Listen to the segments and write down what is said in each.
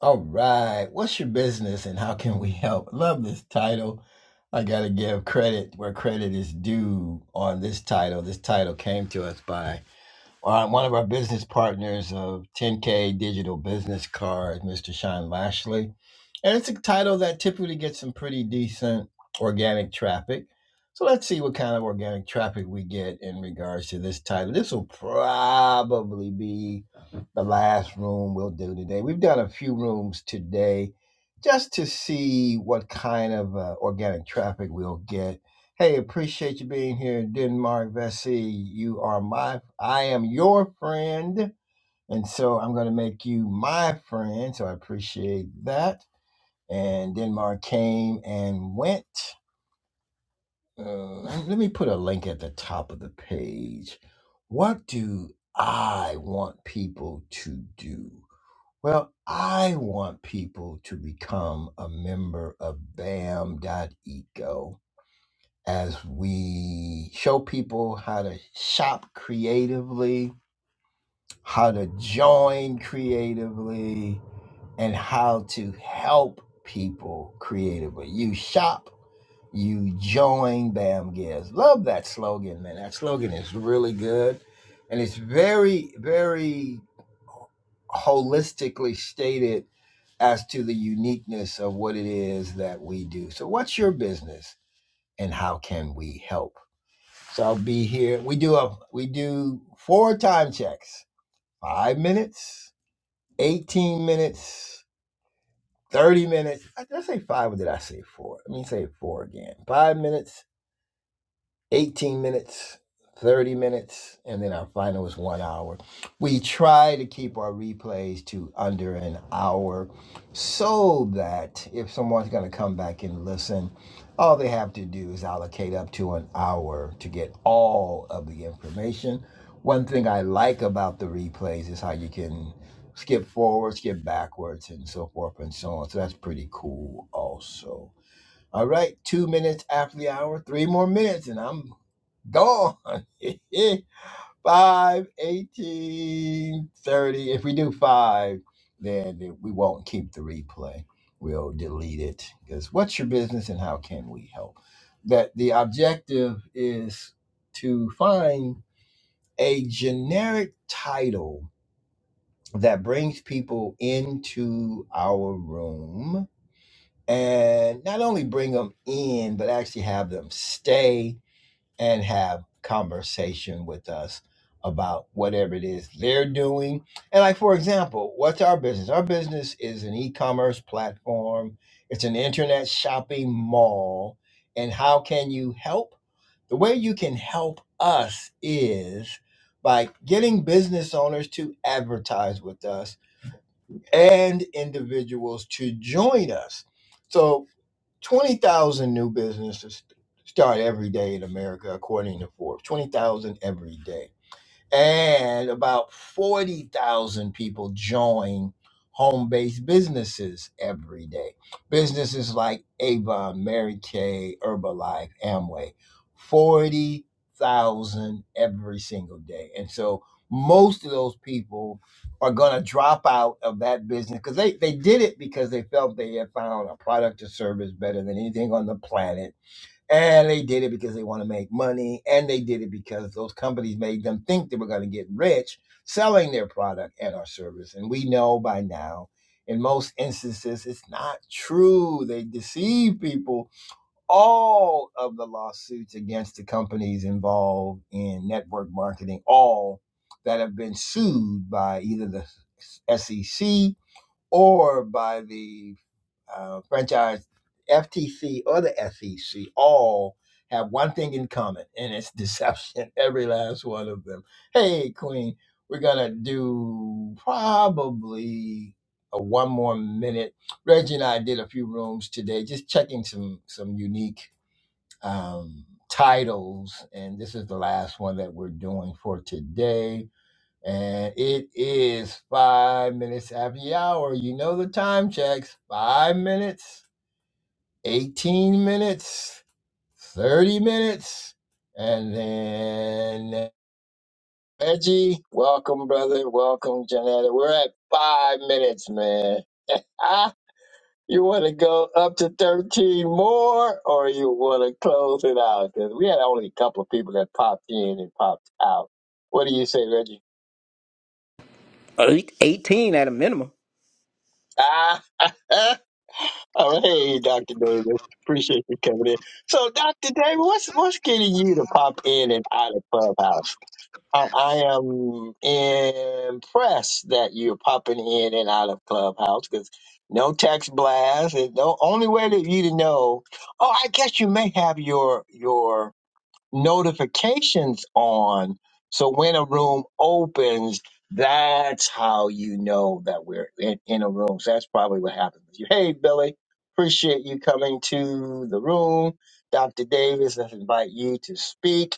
All right. What's your business and how can we help? Love this title. I got to give credit where credit is due on this title. This title came to us by uh, one of our business partners of 10K Digital Business Card, Mr. Sean Lashley. And it's a title that typically gets some pretty decent organic traffic. So let's see what kind of organic traffic we get in regards to this title. This will probably be the last room we'll do today. We've done a few rooms today just to see what kind of uh, organic traffic we'll get Hey, appreciate you being here, Denmark Vesey. You are my, I am your friend, and so I'm going to make you my friend. So I appreciate that. And Denmark came and went. Uh, let me put a link at the top of the page. What do I want people to do? Well, I want people to become a member of Bam Dot Eco as we show people how to shop creatively, how to join creatively, and how to help people creatively. You shop, you join BAM Gives. Love that slogan, man. That slogan is really good. And it's very, very holistically stated as to the uniqueness of what it is that we do. So, what's your business and how can we help? So I'll be here. We do a we do four time checks. Five minutes, eighteen minutes, thirty minutes. I did I say five or did I say four? Let me say four again. Five minutes, 18 minutes, 30 minutes, and then our final is one hour. We try to keep our replays to under an hour so that if someone's going to come back and listen, all they have to do is allocate up to an hour to get all of the information. One thing I like about the replays is how you can skip forward, skip backwards, and so forth and so on. So that's pretty cool, also. All right, two minutes after the hour, three more minutes, and I'm Gone. 5, 18, thirty. If we do 5, then we won't keep the replay. We'll delete it. Because what's your business and how can we help? That the objective is to find a generic title that brings people into our room and not only bring them in, but actually have them stay and have conversation with us about whatever it is they're doing. And like for example, what's our business? Our business is an e-commerce platform. It's an internet shopping mall. And how can you help? The way you can help us is by getting business owners to advertise with us and individuals to join us. So 20,000 new businesses start every day in America, according to Forbes. 20,000 every day and about 40,000 people join home-based businesses every day. Businesses like Avon, Mary Kay, Herbalife, Amway, 40,000 every single day. And so most of those people are going to drop out of that business because they, they did it because they felt they had found a product or service better than anything on the planet and they did it because they want to make money. And they did it because those companies made them think they were going to get rich selling their product and our service. And we know by now, in most instances, it's not true. They deceive people. All of the lawsuits against the companies involved in network marketing, all that have been sued by either the SEC or by the uh, franchise, FTC or the SEC, all have one thing in common, and it's deception. Every last one of them. Hey, Queen, we're gonna do probably a one more minute. Reggie and I did a few rooms today, just checking some some unique um, titles, and this is the last one that we're doing for today. And it is five minutes after the hour. You know the time checks. Five minutes. 18 minutes, 30 minutes, and then Reggie, welcome, brother. Welcome, Janetta. We're at five minutes, man. you want to go up to 13 more, or you want to close it out? Because we had only a couple of people that popped in and popped out. What do you say, Reggie? 18 at a minimum. Ah, oh, hey, Dr. Davis. Appreciate you coming in. So, Dr. Davis, what's what's getting you to pop in and out of Clubhouse? I, I am impressed that you're popping in and out of Clubhouse because no text blast. And the only way that you to know, oh, I guess you may have your your notifications on. So when a room opens, that's how you know that we're in, in a room. So that's probably what happened with you. Hey, Billy, appreciate you coming to the room. Dr. Davis, let's invite you to speak.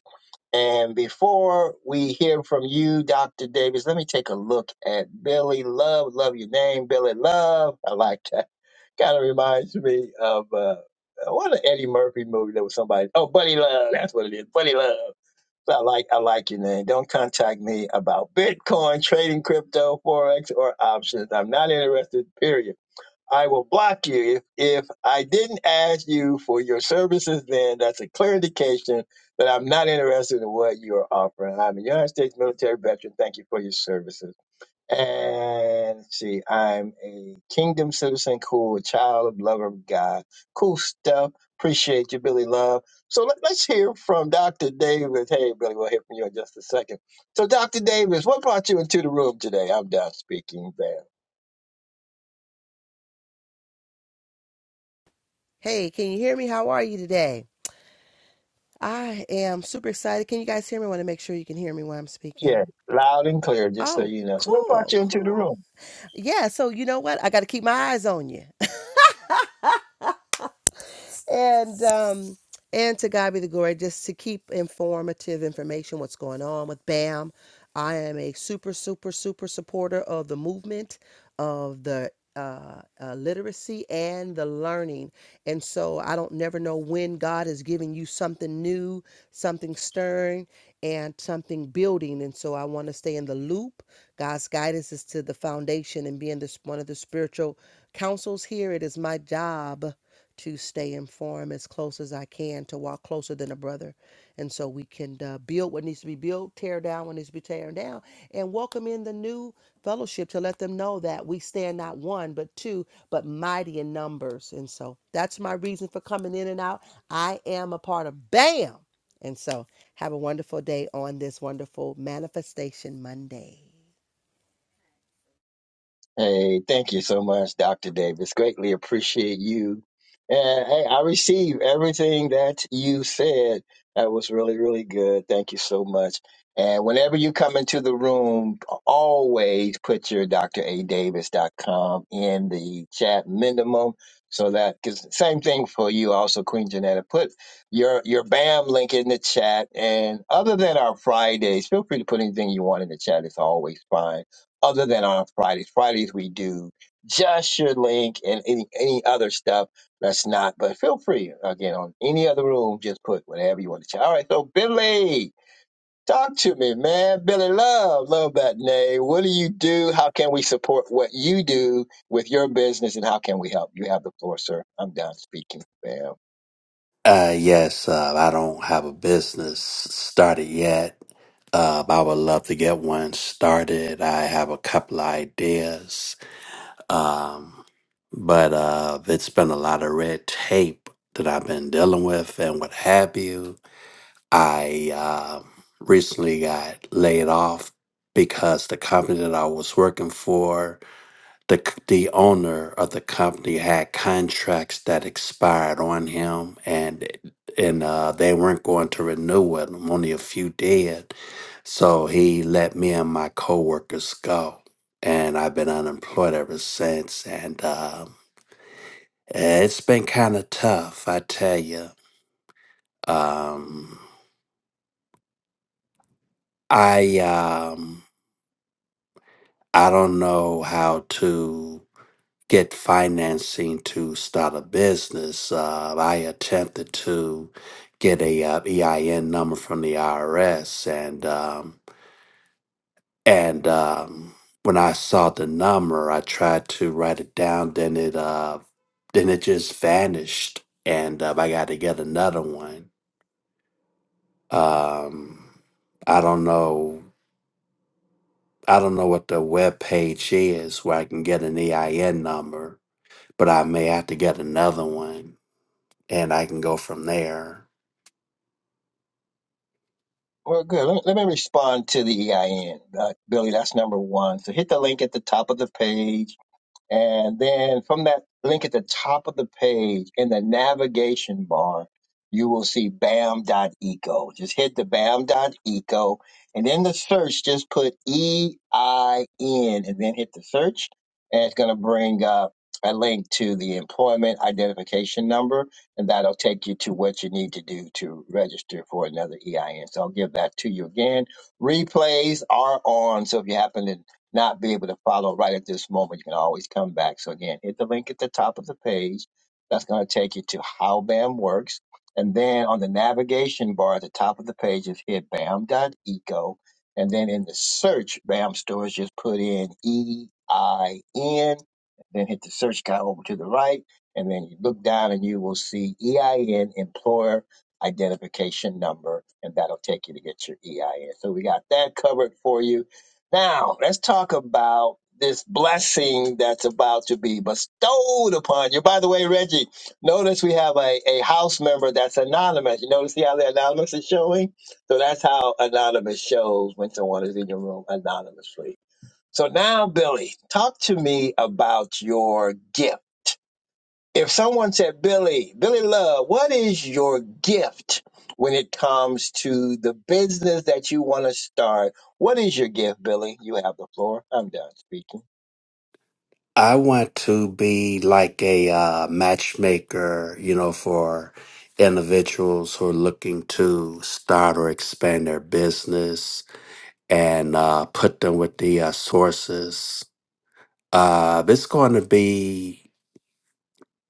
And before we hear from you, Dr. Davis, let me take a look at Billy Love. Love your name, Billy Love. I like that kind of reminds me of uh, uh, what an Eddie Murphy movie that was somebody. Oh, Buddy Love, that's what it is. Buddy Love. So I like I like your name. Don't contact me about Bitcoin, trading crypto, forex, or options. I'm not interested. Period. I will block you if, if I didn't ask you for your services. Then that's a clear indication that I'm not interested in what you are offering. I'm a United States military veteran. Thank you for your services. And let's see, I'm a kingdom citizen, cool child, lover of God. Cool stuff. Appreciate you, Billy Love. So let, us hear from Dr. Davis. Hey, Billy, we'll hear from you in just a second. So, Dr. Davis, what brought you into the room today? I'm done speaking, man. Hey, can you hear me? How are you today? I am super excited. Can you guys hear me? I want to make sure you can hear me when I'm Yeah, speaking. loud and clear, just so Oh, you know. So, what brought cool, you into the cool. room? Yeah, so you know what? I got to keep my eyes on you. and um and to God be the glory, just to keep informative information what's going on with BAM. I am a super, super, super supporter of the movement of the uh, uh, literacy and the learning. And so I don't never know when God is giving you something new, something stirring, and something building. And so I want to stay in the loop. God's guidance is to the foundation and being this one of the spiritual councils here. It is my job to stay informed as close as I can, to walk closer than a brother. And so we can uh, build what needs to be built, tear down what needs to be tearing down, and welcome in the new fellowship to let them know that we stand not one, but two, but mighty in numbers. And so that's my reason for coming in and out. I am a part of BAM. And so have a wonderful day on this wonderful Manifestation Monday. Hey, thank you so much, Dr. Davis. Greatly appreciate you. And hey, I receive everything that you said. That was really, really good. Thank you so much. And whenever you come into the room, always put your dradavis.com in the chat minimum. So that, cause same thing for you also, Queen Janetta. Put your, your BAM link in the chat. And other than our Fridays, feel free to put anything you want in the chat. It's always fine other than on Fridays. Fridays we do just your link and any any other stuff that's not. But feel free again on any other room. Just put whatever you want to chat. All right, so Billy, talk to me, man. Billy, love, love that name. What do you do? How can we support what you do with your business, and how can we help? You have the floor, sir. I'm done speaking, fam. Uh, yes, uh, I don't have a business started yet. Uh, I would love to get one started. I have a couple of ideas. Um, but uh, it's been a lot of red tape that I've been dealing with and what have you. I um recently got laid off because the company that I was working for the c- the owner of the company had contracts that expired on him and and uh, they weren't going to renew with him. Only a few did, so he let me and my coworkers go, and I've been unemployed ever since. And um, it's been kind of tough, I tell you. Um, I um, I don't know how to. get financing to start a business. Uh, I attempted to get a uh, EIN number from the IRS, and um, and um, when I saw the number, I tried to write it down. Then it uh, then it just vanished, and uh, I got to get another one. Um, I don't know. I don't know what the web page is where I can get an EIN number, but I may have to get another one and I can go from there. Well, good. Let me, let me respond to the EIN, uh, Billy. That's number one. So hit the link at the top of the page And then from that link at the top of the page in the navigation bar, you will see bam.eco. Just hit the bam.eco and in the search, just put E I N and then hit the search. And it's going to bring up a link to the employment identification number. And that'll take you to what you need to do to register for another EIN. So I'll give that to you again. Replays are on. So if you happen to not be able to follow right at this moment, you can always come back. So again, hit the link at the top of the page. That's going to take you to how BAM works. And then on the navigation bar at the top of the page is hit BAM dot ECO. And then in the search, BAM stores just put in E-I-N, then hit the search guy over to the right. And then you look down and you will see EIN employer identification number, and that'll take you to get your EIN. So we got that covered for you now, let's talk about this blessing that's about to be bestowed upon you. By the way, Reggie, notice we have a, a house member that's anonymous. You notice how the anonymous is showing? So that's how anonymous shows when someone is in your room anonymously. So now, Billy, talk to me about your gift. If someone said, Billy, Billy Love, what is your gift when it comes to the business that you want to start? What is your gift, Billy? You have the floor. I'm done speaking. I want to be like a uh, matchmaker, you know, for individuals who are looking to start or expand their business and uh, put them with the uh, sources. Uh, it's going to be,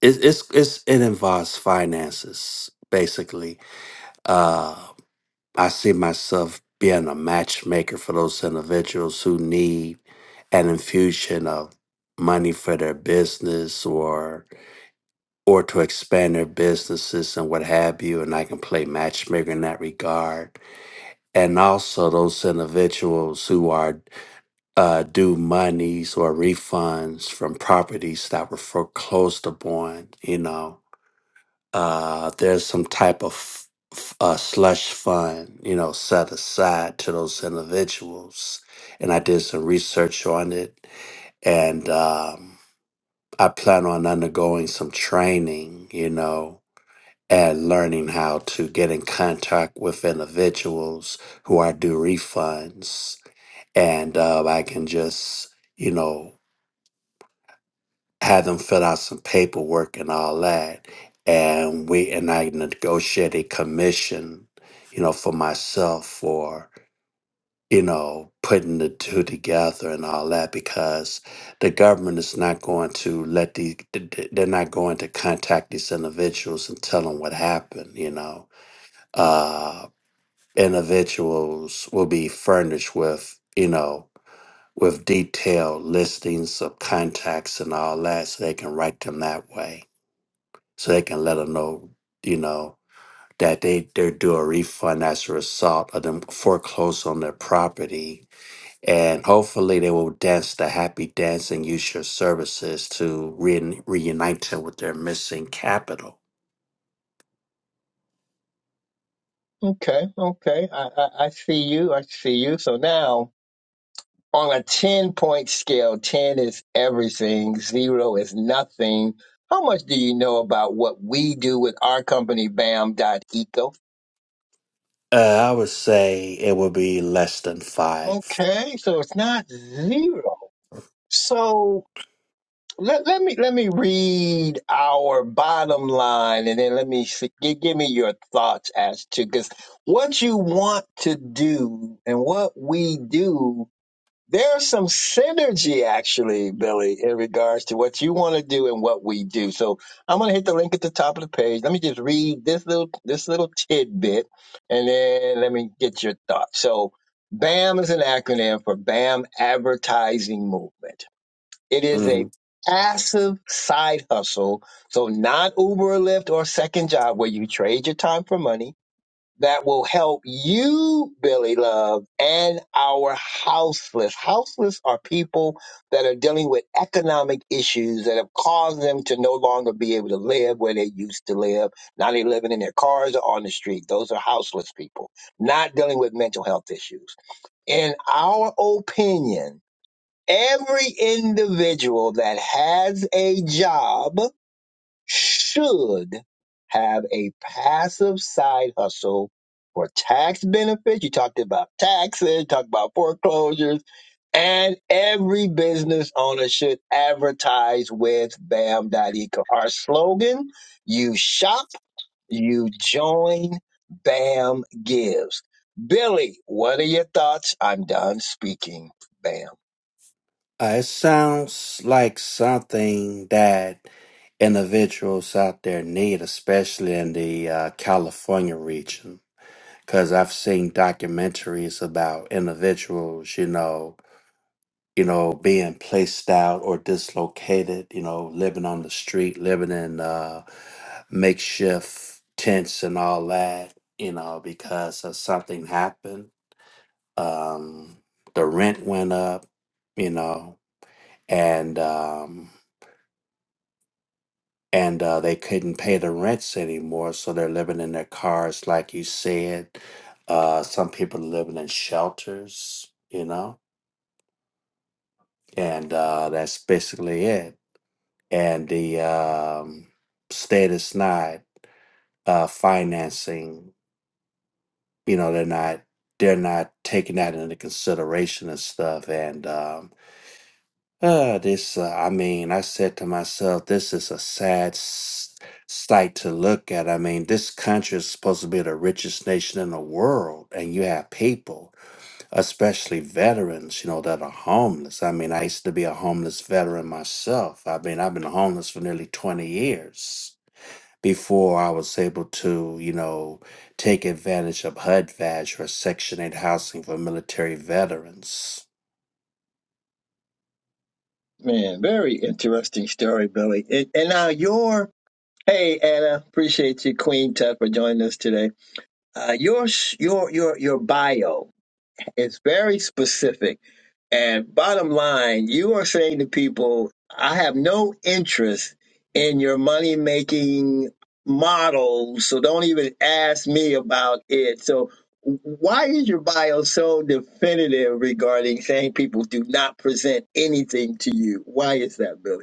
it's, it's, it's, it involves finances, basically. Uh, I see myself being a matchmaker for those individuals who need an infusion of money for their business or or to expand their businesses and what have you and I can play matchmaker in that regard and also those individuals who are uh, due monies or refunds from properties that were foreclosed upon you know uh, there's some type of f- uh, slush fund, you know, set aside to those individuals. And I did some research on it, and um, I plan on undergoing some training, you know, and learning how to get in contact with individuals who I do refunds, and uh, I can just, you know. had them fill out some paperwork and all that. And we and I negotiated a commission, you know, for myself for, you know, putting the two together and all that because the government is not going to let these th- th- they're not going to contact these individuals and tell them what happened, you know. Uh individuals will be furnished with, you know, with detailed listings of contacts and all that so they can write them that way so they can let them know, you know, that they they're due a refund as a result of them foreclose on their property. And hopefully they will dance the happy dance and use your services to re- reunite them with their missing capital. Okay, okay. I, I, I see you. I see you. So now on a 10 point scale, 10 is everything, zero is nothing. How much do you know about what we do with our company, Bam Dot Eco? Uh, I would say it would be less than 5 Okay, so it's not zero. So Let, let me let me read our bottom line, and then let me see, give, give me your thoughts as to because what you want to do and what we do, there's some synergy actually, Billy, in regards to what you want to do and what we do. So I'm gonna hit the link at the top of the page. Let me just read this little this little tidbit, and then let me get your thoughts. So BAM is an acronym for BAM Advertising Movement. It is Mm-hmm. a passive side hustle. So not Uber or Lyft or second job where you trade your time for money that will help you, Billy Love, and our houseless. Houseless are people that are dealing with economic issues that have caused them to no longer be able to live where they used to live. Now they're living in their cars or on the street. Those are houseless people, not dealing with mental health issues. In our opinion, Every individual that has a job should have a passive side hustle for tax benefits. You talked about taxes, you talked about foreclosures, and every business owner should advertise with BAM.eco. Our slogan, you shop, you join, BAM gives. Billy, what are your thoughts? I'm done speaking. BAM. Uh, it sounds like something that individuals out there need, especially in the uh, California region. because I've seen documentaries about individuals, you know, you know, being placed out or dislocated, you know, living on the street, living in uh, makeshift tents and all that, you know, because of something happened. Um, the rent went up, you know, and um, and uh, they couldn't pay the rents anymore, so they're living in their cars, like you said. Uh, some people living in shelters, you know, and uh, that's basically it. And the um, state is not uh, financing, you know, they're not they're not taking that into consideration and stuff. And um, Uh, this, uh, I mean, I said to myself, this is a sad s- sight to look at. I mean, this country is supposed to be the richest nation in the world, and you have people, especially veterans, you know, that are homeless. I mean, I used to be a homeless veteran myself. I mean, I've been homeless for nearly 20 years before I was able to, you know, take advantage of HUD voucher or Section 8 housing for military veterans. Man, very interesting story, Billy. And, and now your hey Anna, appreciate you, Queen Tut, for joining us today. Uh, your sh- your your your bio is very specific, and bottom line, you are saying to people, I have no interest in your money making model, so don't even ask me about it. So. Why is your bio so definitive regarding saying people do not present anything to you? Why is that, Billy?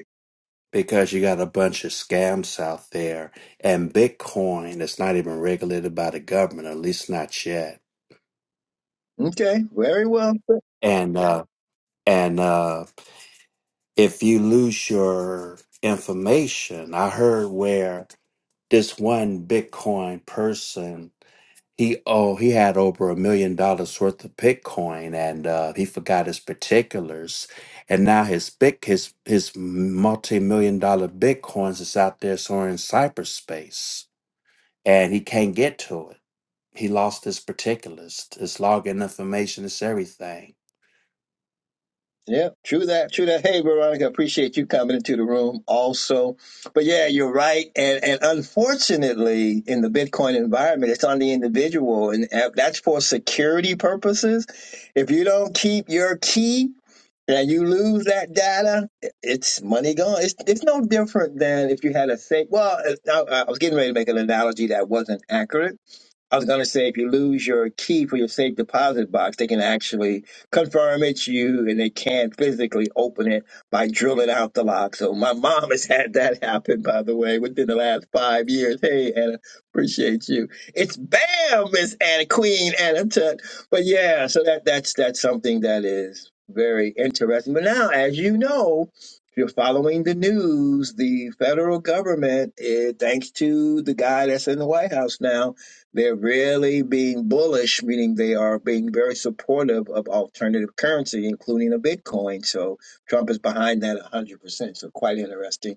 because you got a bunch of scams out there and bitcoin is not even regulated by the government at least not yet Okay, very well. and uh and uh if you lose your information i heard where this one bitcoin person he oh he had over a million dollars worth of bitcoin and uh he forgot his particulars and now his big his his multi-million dollar bitcoins is out there somewhere in cyberspace and he can't get to it. He lost his particulars, his login information, his everything. Yeah, true that, true that. Hey, Veronica, appreciate you coming into the room also. But yeah, you're right. And and unfortunately, in the Bitcoin environment, it's on the individual, and that's for security purposes. If you don't keep your key and you lose that data, it's money gone. It's it's no different than if you had a safe. Well, I, I was getting ready to make an analogy that wasn't accurate I was going to say if you lose your key for your safe deposit box, they can actually confirm it's you and they can't physically open it by drilling out the lock. So my mom has had that happen, by the way, within the last five years. Hey, Anna, appreciate you. It's BAM, Miss Anna, Queen Anna Tut. But yeah, so that, that's, that's something that is very interesting. But now, as you know, if you're following the news, the federal government, eh, thanks to the guy that's in the White House now, they're really being bullish, meaning they are being very supportive of alternative currency, including a Bitcoin. So Trump is behind that 100%. So quite interesting.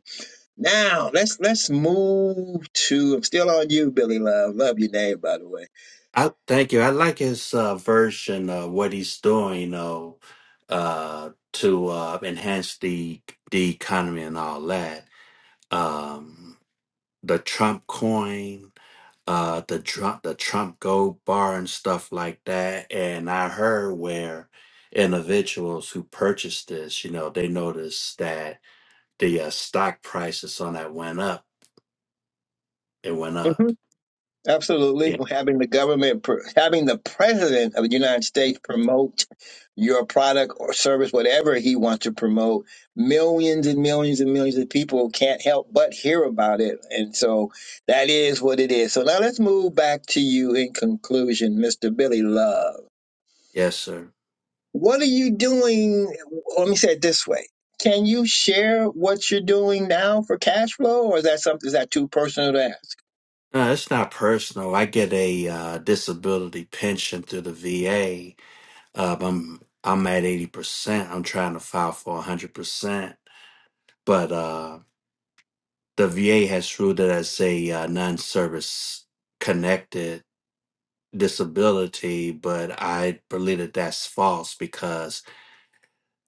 Now let's let's move to. I'm still on you, Billy Love. Love your name, by the way. I thank you. I like his uh, version of what he's doing, you know, uh, to uh, enhance the the economy and all that. Um, the Trump coin, uh, the Trump the Trump gold bar and stuff like that. And I heard where individuals who purchased this, you know, they noticed that the uh, stock prices on that went up. It went up. Absolutely, Yeah. having the government, pr- having the president of the United States promote your product or service, whatever he wants to promote, millions and millions and millions of people can't help but hear about it, and so that is what it is. So now let's move back to you in conclusion, Mr. Billy Love. Yes, sir. What are you doing? Let me say it this way: Can you share what you're doing now for cash flow, or is that something is that too personal to ask? No, it's not personal. I get a uh, disability pension through the VA. Uh, I'm I'm at eighty percent. I'm trying to file for hundred percent, but uh, the VA has ruled it as a uh, non-service connected disability. But I believe that that's false because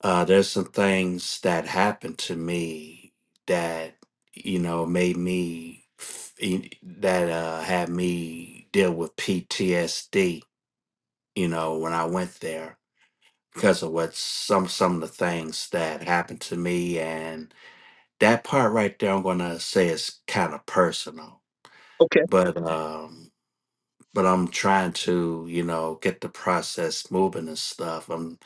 Uh, there's some things that happened to me that you know made me f- e- that uh, had me deal with PTSD. You know when I went there because of what some some of the things that happened to me, and that part right there, I'm gonna say is kind of personal. But um but I'm trying to, you know, get the process moving and stuff. I'm,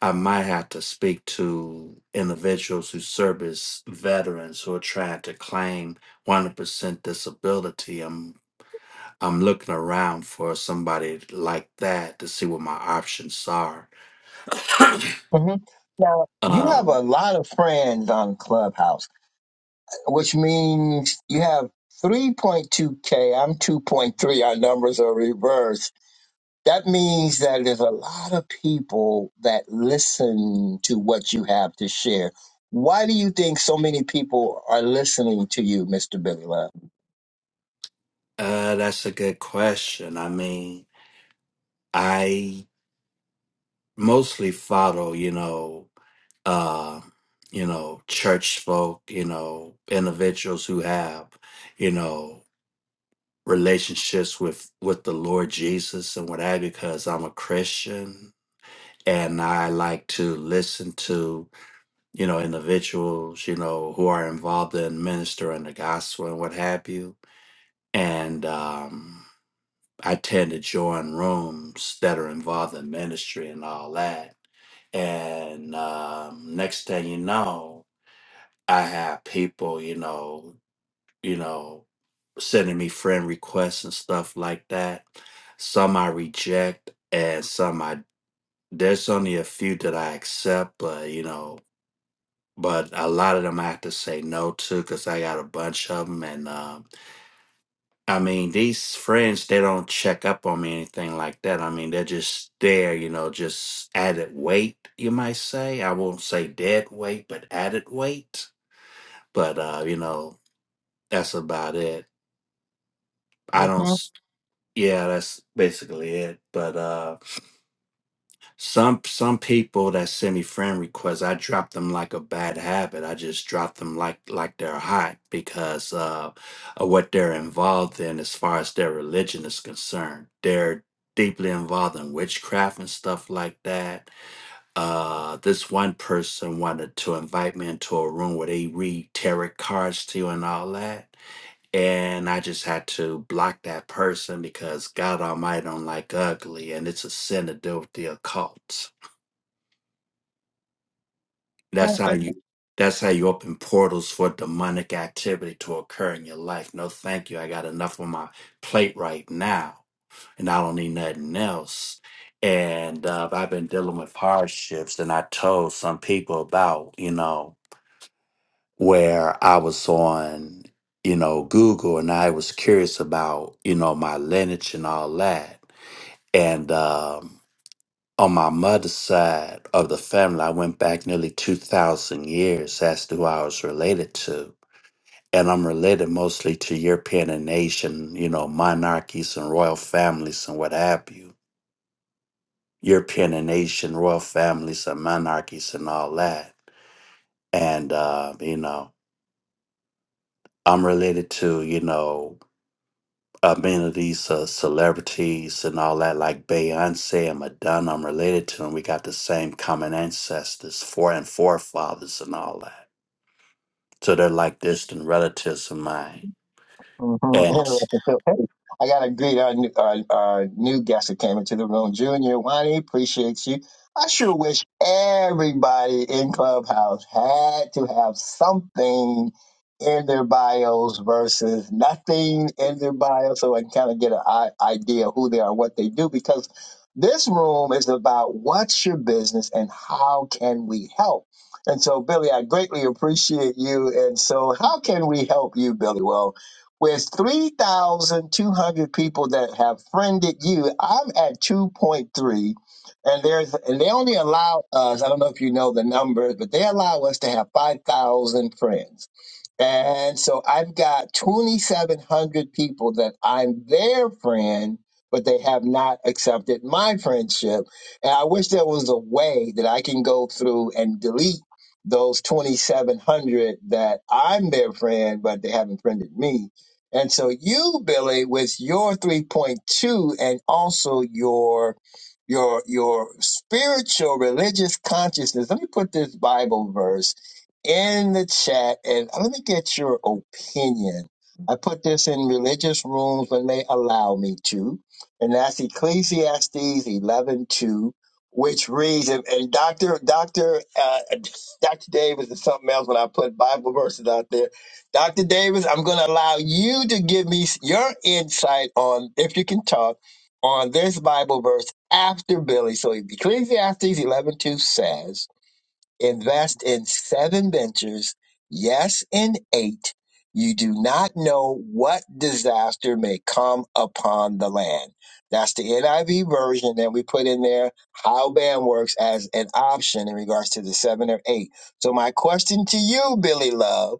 I might have to speak to individuals who serve as veterans who are trying to claim 100% disability. I'm, I'm looking around for somebody like that to see what my options are. hmm Now, you have Um, a lot of friends on Clubhouse, which means you have 3.2K. I'm 2.3. Our numbers are reversed. That means that there's a lot of people that listen to what you have to share. Why do you think so many people are listening to you, Mr. Billy Love? uh, that's a good question. I mean, I mostly follow, you know. uh, you know, church folk, you know, individuals who have, you know, relationships with with the Lord Jesus and what have you, because I'm a Christian and I like to listen to, you know, individuals, you know, who are involved in ministering the gospel and what have you. And um I tend to join rooms that are involved in ministry and all that. And um, next thing you know, I have people, you know, you know, sending me friend requests and stuff like that. Some I reject and some I there's only a few that I accept, but you know, but a lot of them I have to say no to because I got a bunch of them. And um, I mean, these friends, they don't check up on me, anything like that. I mean, they're just there, you know, just added weight, you might say. I won't say dead weight, but added weight. But, uh, you know, that's about it. I don't. mm s- Yeah, that's basically it. But uh, some some people that send me friend requests, I drop them like a bad habit. I just drop them like like they're hot because uh, of what they're involved in as far as their religion is concerned. They're deeply involved in witchcraft and stuff like that. Uh, this one person wanted to invite me into a room where they read tarot cards to you and all that and I just had to block that person because God Almighty don't like ugly, and it's a sin to deal with the occult. hmm That's how you. That's how you open portals for demonic activity to occur in your life. No, thank you. I got enough on my plate right now, and I don't need nothing else. And uh, I've been dealing with hardships, and I told some people about, you know, where I was on, you know, Google and I was curious about, you know, my lineage and all that. And um, on my mother's side of the family, I went back nearly 2,000 years as to who I was related to. And I'm related mostly to European and Asian, you know, monarchies and royal families and what have you. European and Asian royal families and monarchies and all that. And, uh, you know, I'm related to, you know, uh, many of these uh, celebrities and all that, like Beyonce and Madonna, I'm related to them. We got the same common ancestors, fore and forefathers, and all that. So they're like distant relatives of mine. Mhm. And I got to greet our, new- our, our new guest that came into the room, Junior Wani. Appreciate you. I sure wish everybody in Clubhouse had to have something in their bios versus nothing in their bio so I can kind of get an i- idea who they are, what they do, because this room is about what's your business and how can we help. And so, Billy, I greatly appreciate you. And so, how can we help you, Billy? Well, with 3,200 people that have friended you, I'm at 2.3. And there's and they only allow us, I don't know if you know the numbers, but they allow us to have 5,000 friends. And so I've got 2,700 people that I'm their friend, but they have not accepted my friendship. And I wish there was a way that I can go through and delete those 2,700 that I'm their friend, but they haven't friended me and so you, Billy, with your 3.2 and also your your your spiritual religious consciousness. Let me put this Bible verse in the chat and let me get your opinion. I put this in religious rooms when they allow me to, and that's Ecclesiastes 11:2, which reads, and, and Doctor Doctor uh, Doctor Davis is something else when I put Bible verses out there Dr. Davis, I'm going to allow you to give me your insight on, if you can talk, on this Bible verse after Billy. So Ecclesiastes 11:2 says, "Invest in seven ventures, yes, in eight. You do not know what disaster may come upon the land." That's the NIV version, that we put in there how BAM works as an option in regards to the seven or eight. So my question to you, Billy Love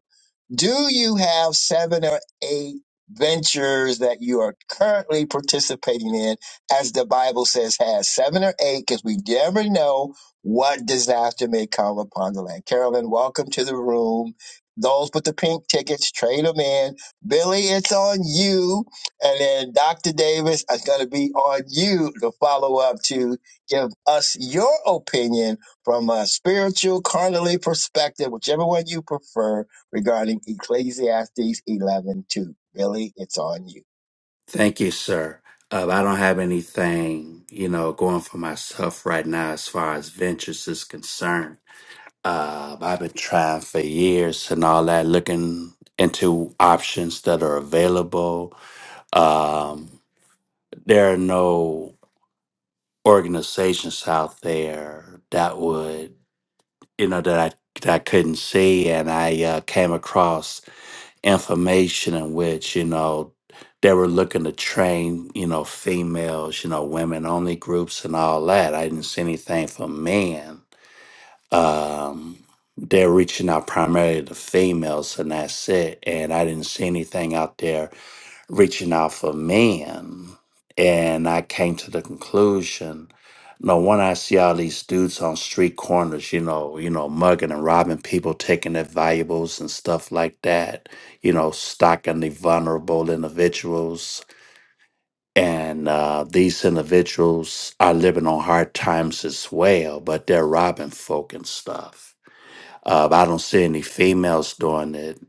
do you have seven or eight ventures that you are currently participating in, as the Bible says, has seven or eight? Because we never know what disaster may come upon the land. Carolyn, welcome to the room. Those with the pink tickets, trade them in. Billy, it's on you. And then Dr. Davis, it's going to be on you to follow up to give us your opinion from a spiritual, carnally perspective, whichever one you prefer regarding Ecclesiastes 11:2. Billy, it's on you. thank you, sir. Uh, I don't have anything, you know, going for myself right now as far as ventures is concerned. Uh, I've been trying for years and all that, looking into options that are available. Um, there are no organizations out there that would you know that I that I couldn't see, and I uh, came across information in which you know they were looking to train you know females, you know women only groups and all that. I didn't see anything for men. Um, they're reaching out primarily to females, and that's it. And I didn't see anything out there reaching out for men. And I came to the conclusion, no when I see all these dudes on street corners, you know, you know, mugging and robbing people, taking their valuables and stuff like that, you know, stalking the vulnerable individuals. And uh, these individuals are living on hard times as well, but they're robbing folk and stuff. Uh, I don't see any females doing it.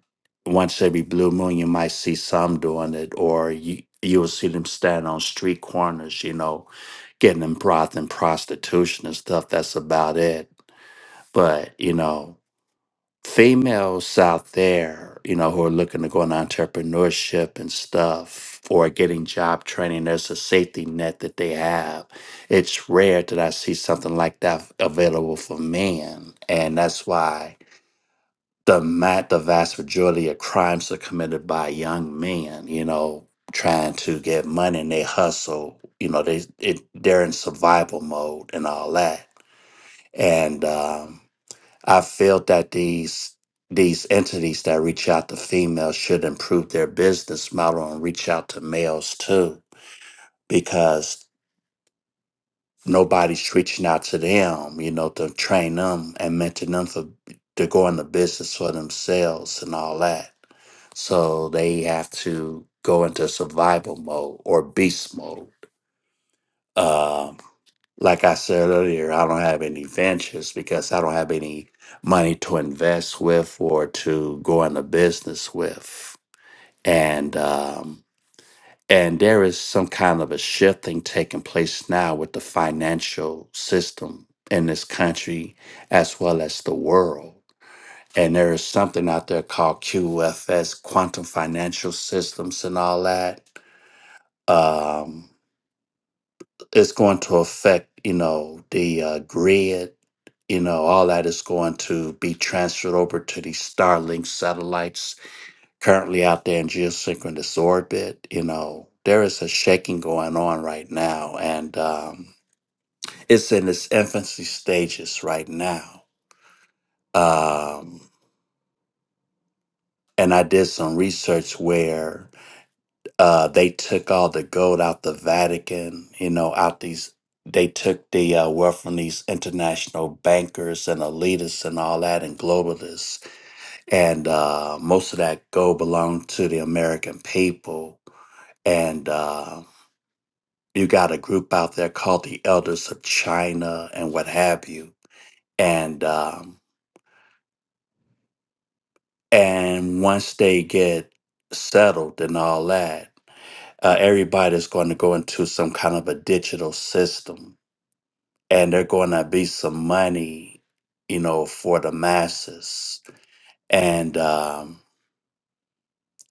Once every blue moon, you might see some doing it, or you you will see them stand on street corners, you know, getting them broth and prostitution and stuff. That's about it. But you know, females out there, you know, who are looking to go into entrepreneurship and stuff, or getting job training, there's a safety net that they have it's rare that I see something like that available for men. And that's why the ma- the vast majority of crimes are committed by young men. You know, trying to get money and they hustle. You know, they it, they're in survival mode and all that. And um, I felt that these these entities that reach out to females should improve their business model and reach out to males too, because nobody's reaching out to them, you know, to train them and mentor them for to go into business for themselves and all that. So they have to go into survival mode or beast mode. Um, like I said earlier, I don't have any ventures because I don't have any money to invest with or to go into business with. And um, and there is some kind of a shifting taking place now with the financial system in this country as well as the world. And there is something out there called QFS, quantum financial systems, and all that. Um, it's going to affect, you know, the uh, grid. You know, all that is going to be transferred over to these Starlink satellites currently out there in geosynchronous orbit, you know, there is a shaking going on right now, and um, it's in its infancy stages right now. Um, and I did some research where uh, they took all the gold out the Vatican, you know, out these. They took the uh, wealth from these international bankers and elitists and all that and globalists. And uh, most of that gold belonged to the American people and um you got a group out there called the Elders of China and what have you. And um, and once they get settled and all that, uh, everybody's going to go into some kind of a digital system, and they're going to be some money, you know, for the masses. And um,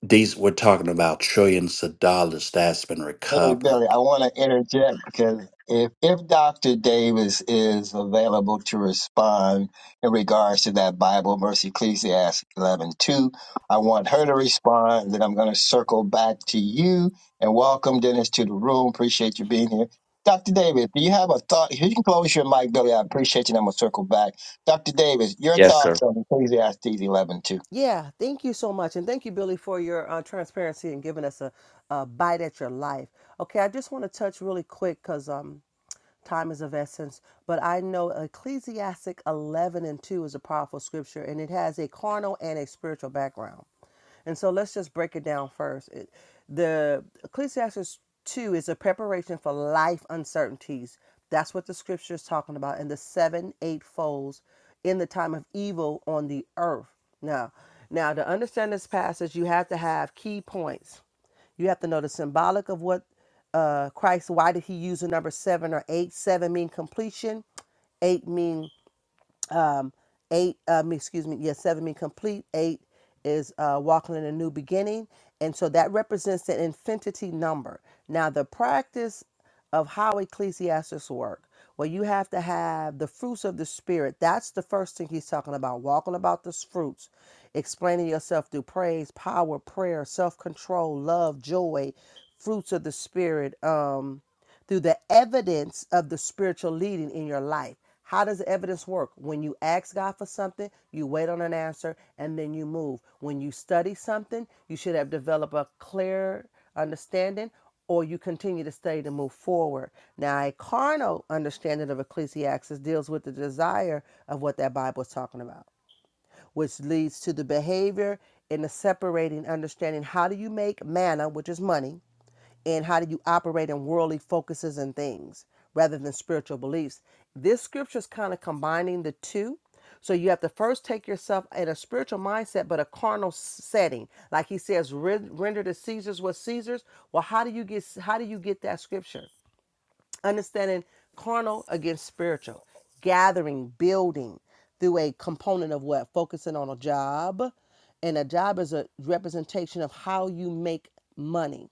these we're talking about trillions of dollars that's been Hey, recovered. Billy, I want to interject because if if Dr. Davis is available to respond in regards to that Bible verse, Ecclesiastes 11:2, I want her to respond. Then I'm going to circle back to you and welcome Dennis to the room. Appreciate you being here. Dr. Davis, do you have a thought? You can close your mic, Billy. I appreciate you. And I'm going to circle back. Dr. Davis, your Yes, sir. thoughts on Ecclesiastes 11:2. Yeah, thank you so much. And thank you, Billy, for your uh, transparency and giving us a, a bite at your life. Okay, I just want to touch really quick because um, time is of essence, but I know Ecclesiastic 11 and 2 is a powerful scripture and it has a carnal and a spiritual background. And so let's just break it down first. It, the Ecclesiastes 2 is a preparation for life uncertainties. That's what the scripture is talking about, and the seven eightfolds in the time of evil on the earth. Now, now to understand this passage, you have to have key points. You have to know the symbolic of what uh, Christ. Why did he use the number seven or eight? Seven mean completion. Eight mean um, eight, uh, excuse me, yes, seven mean complete. Eight is uh, walking in a new beginning. And so that represents an infinity number. Now, the practice of how ecclesiastics work, well, you have to have the fruits of the Spirit. That's the first thing he's talking about, walking about the fruits, explaining yourself through praise, power, prayer, self control, love, joy, fruits of the Spirit. Um, through the evidence of the spiritual leading in your life. How does the evidence work? When you ask God for something, you wait on an answer and then you move. When you study something, you should have developed a clear understanding or you continue to study to move forward. Now, a carnal understanding of Ecclesiastes deals with the desire of what that Bible is talking about, which leads to the behavior in the separating understanding. How do you make manna, which is money? and how do you operate in worldly focuses and things rather than spiritual beliefs. This scripture is kind of combining the two. So you have to first take yourself in a spiritual mindset, but a carnal s- setting. Like he says, "Ren- render to Caesar's what Caesar's. Well, how do you get how do you get that scripture? Understanding carnal against spiritual, gathering, building through a component of what focusing on a job, and a job is a representation of how you make money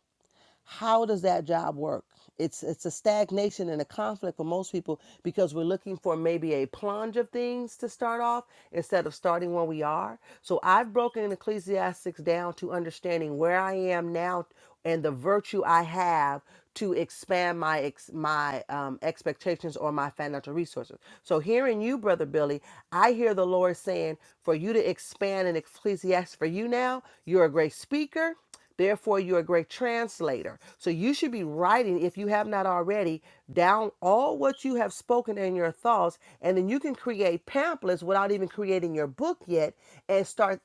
how does that job work it's it's a stagnation and a conflict for most people because we're looking for maybe a plunge of things to start off instead of starting where we are so i've broken ecclesiastics down to understanding where i am now and the virtue i have to expand my ex- my um, expectations or my financial resources so hearing you brother billy i hear the lord saying for you to expand in ecclesiastes for you now you're a great speaker Therefore, you're a great translator. So you should be writing, if you have not already, down all what you have spoken in your thoughts, and then you can create pamphlets without even creating your book yet and start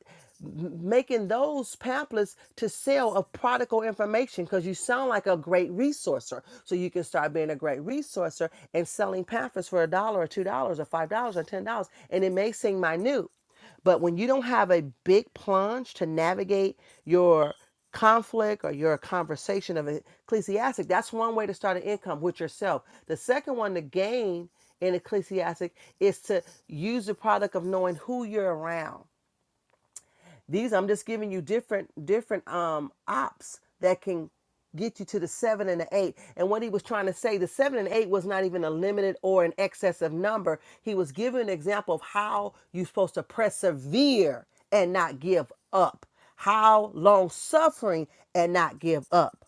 making those pamphlets to sell of prodigal information because you sound like a great resourcer. So you can start being a great resourcer and selling pamphlets for a dollar or two dollars or five dollars or ten dollars. And it may seem minute. But when you don't have a big plunge to navigate your conflict or your conversation of ecclesiastic, that's one way to start an income with yourself. The second one to gain in ecclesiastic is to use the product of knowing who you're around. These I'm just giving you different different um ops that can get you to the seven and the eight. And what he was trying to say, the seven and eight was not even a limited or an excessive number. He was giving an example of how you're supposed to persevere and not give up. How long suffering and not give up.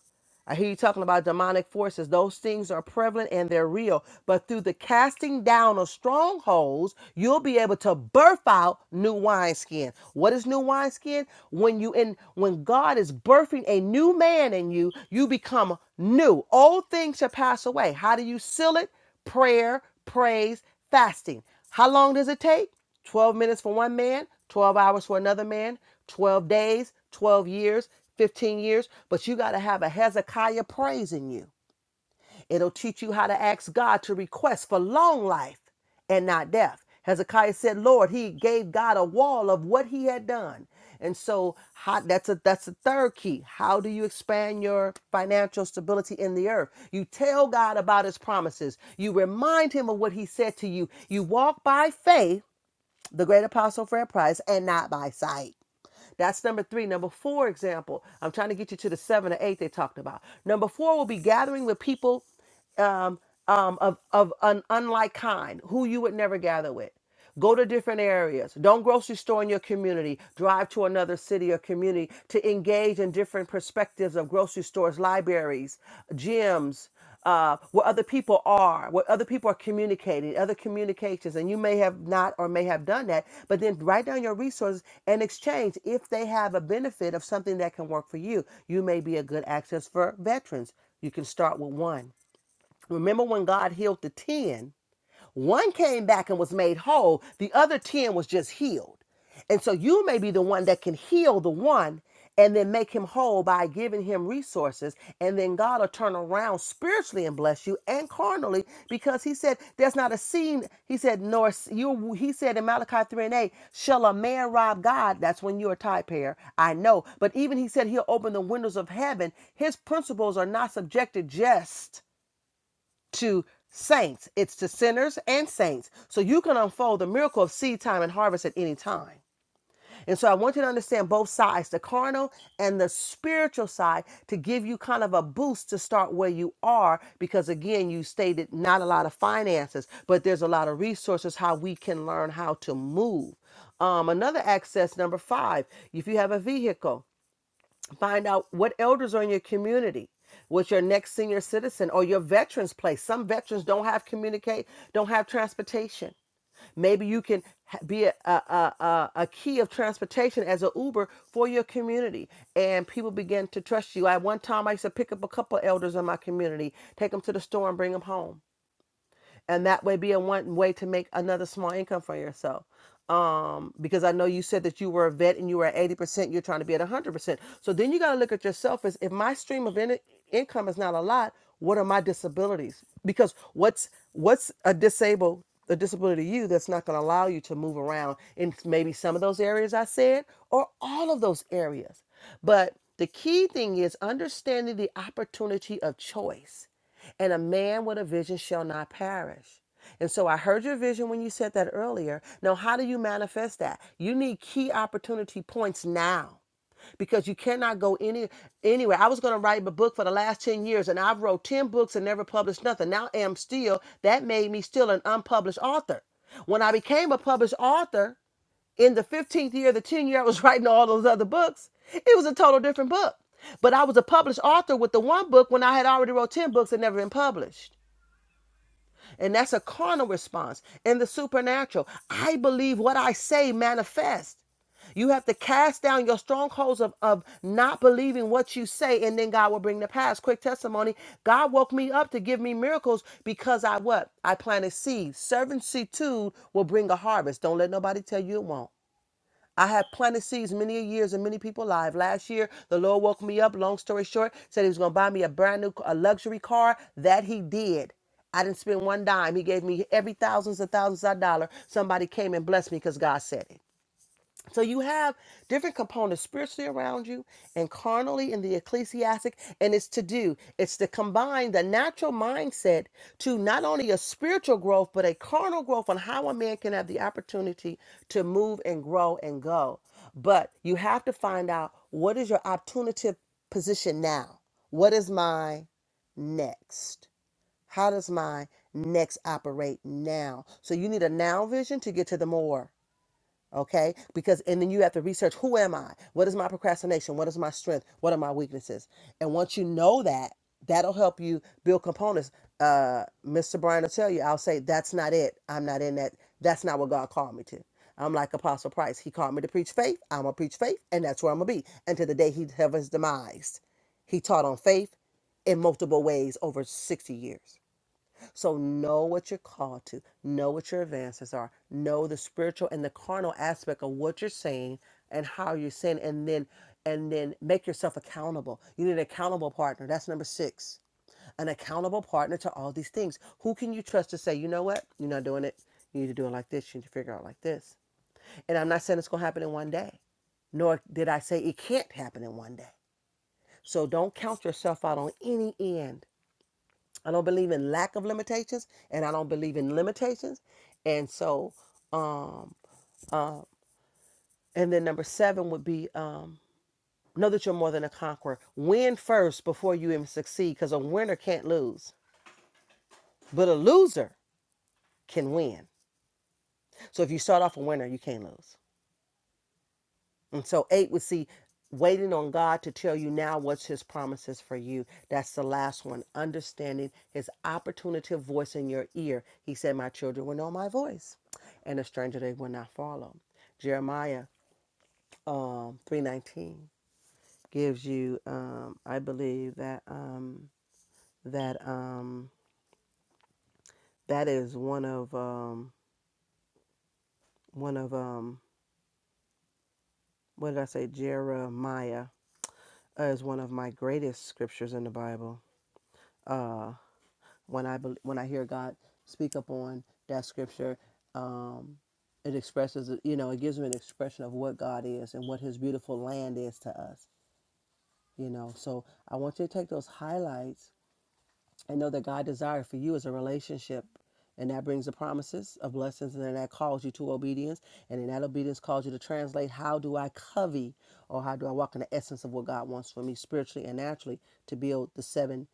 I hear you talking about demonic forces. Those things are prevalent and they're real. But through the casting down of strongholds, you'll be able to birth out new wineskin. What is new wineskin? When you in when God is birthing a new man in you, you become new. Old things shall pass away. How do you seal it? Prayer, praise, fasting. How long does it take? 12 minutes for one man, 12 hours for another man, 12 days, 12 years, 15 years. But you got to have a Hezekiah praise in you. It'll teach you how to ask God to request for long life and not death. Hezekiah said, Lord, he gave God a wall of what he had done. And so how, that's a that's the third key. How do you expand your financial stability in the earth? You tell God about his promises. You remind him of what he said to you. You walk by faith the great apostle Fred Price and not by sight. That's number three. Number four example. I'm trying to get you to the seven or eight they talked about. Number four will be gathering with people um, um, of, of an unlike kind, who you would never gather with. Go to different areas. Don't grocery store in your community. Drive to another city or community to engage in different perspectives of grocery stores, libraries, gyms, uh, where other people are, where other people are communicating, other communications. And you may have not or may have done that, but then write down your resources and exchange if they have a benefit of something that can work for you. You may be a good access for veterans. You can start with one. Remember when God healed the 10? One came back and was made whole, the other 10 was just healed. And so you may be the one that can heal the one and then make him whole by giving him resources. And then God will turn around spiritually and bless you and carnally because he said, There's not a scene. He said, Nor s- you, he said in Malachi 3 and 8, Shall a man rob God? That's when you're a type pair. I know. But even he said, He'll open the windows of heaven. His principles are not subjected just to saints, it's to sinners and saints. So you can unfold the miracle of seed time and harvest at any time. And so I want you to understand both sides, the carnal and the spiritual side, to give you kind of a boost to start where you are. Because again, you stated not a lot of finances, but there's a lot of resources how we can learn how to move. Um, another access, number five, if you have a vehicle. Find out what elders are in your community, what's your next senior citizen or your veterans place. Some veterans don't have communicate, don't have transportation. Maybe you can be a, a, a, a a key of transportation as an Uber for your community, and people begin to trust you. At one time, I used to pick up a couple elders in my community, take them to the store, and bring them home and that way be a one way to make another small income for yourself um because i know you said that you were a vet and you were at 80% you're trying to be at 100% so then you got to look at yourself as if my stream of in- income is not a lot what are my disabilities because what's what's a disabled a disability to you that's not going to allow you to move around in maybe some of those areas i said or all of those areas but the key thing is understanding the opportunity of choice and a man with a vision shall not perish. And so I heard your vision when you said that earlier. Now, how do you manifest that? You need key opportunity points now because you cannot go any anywhere. I was going to write a book for the last 10 years and I've wrote 10 books and never published nothing. Now I am still that made me still an unpublished author. When I became a published author, in the 15th year, the 10 year I was writing all those other books, it was a total different book. But I was a published author with the one book when I had already wrote 10 books and never been published. And that's a carnal response. In the supernatural, I believe what I say manifests. You have to cast down your strongholds of, of not believing what you say, and then God will bring the past. Quick testimony God woke me up to give me miracles because I what? I planted seeds. Servitude will bring a harvest. Don't let nobody tell you it won't. I had planted seeds many a years and many people alive. Last year, the Lord woke me up. Long story short, said He was going to buy me a brand new, a luxury car. That He did. I didn't spend one dime. He gave me every thousands of thousands of dollar. Somebody came and blessed me because God said it. So you have different components spiritually around you and carnally in the ecclesiastic, and it's to do. It's to combine the natural mindset to not only a spiritual growth, but a carnal growth on how a man can have the opportunity to move and grow and go. But you have to find out what is your opportunity position now? What is my next? How does my next operate now? So you need a now vision to get to the more. Okay. Because, and then you have to research who am I? What is my procrastination? What is my strength? What are my weaknesses? And once you know that, that'll help you build components. Uh, Mr. Brian will tell you, I'll say, that's not it. I'm not in that. That's not what God called me to. I'm like Apostle Price. He called me to preach faith. I'm going to preach faith, and that's where I'm going to be until the day he have his demise. He taught on faith in multiple ways over 60 years. So know what you're called to, know what your advances are, know the spiritual and the carnal aspect of what you're saying and how you're saying, and then and then make yourself accountable. You need an accountable partner. That's number six. An accountable partner to all these things. Who can you trust to say, you know what, you're not doing it. You need to do it like this. You need to figure out like this. And I'm not saying it's gonna happen in one day nor did I say it can't happen in one day. So don't count yourself out on any end. I don't believe in lack of limitations, and I don't believe in limitations. And so, um, uh, and then number seven would be um, know that you're more than a conqueror. Win first before you even succeed, because a winner can't lose, but a loser can win. So if you start off a winner, you can't lose. And so eight would see waiting on God to tell you now what's his promises for you. That's the last one. Understanding his opportunative voice in your ear. He said, My children will know my voice, and a stranger they will not follow. Jeremiah um three nineteen gives you um I believe that um that um that is one of um one of um what did I say Jeremiah uh, is one of my greatest scriptures in the Bible Uh, when I bel when I hear God speak up on that scripture, um, it expresses you know it gives me an expression of what God is and what His beautiful land is to us. You know, so I want you to take those highlights and know that God desires for you is a relationship. And that brings the promises of blessings, and then that calls you to obedience. And then that obedience calls you to translate how do I covey or how do I walk in the essence of what God wants for me spiritually and naturally to build the seven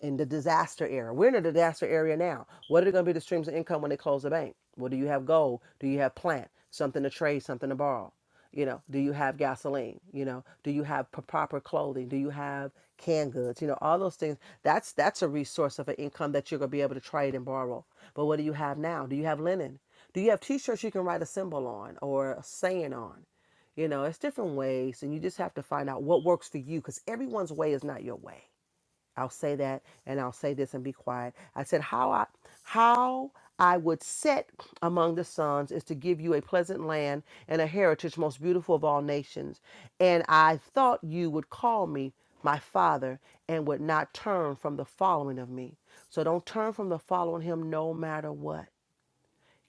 in the disaster era. We're in a disaster area now. What are going to be the streams of income when they close the bank? Well, do you have gold? Do you have plant? Something to trade, something to borrow? You know, do you have gasoline? You know, do you have p- proper clothing? Do you have canned goods? You know, all those things. That's that's a resource of an income that you're going to be able to trade and borrow. But what do you have now? Do you have linen? Do you have t-shirts you can write a symbol on or a saying on? You know, it's different ways, and you just have to find out what works for you because everyone's way is not your way I'll say that and I'll say this and be quiet. I said, How I how I would set among the sons is to give you a pleasant land and a heritage most beautiful of all nations. And I thought you would call me my father and would not turn from the following of me. So don't turn from the following him no matter what.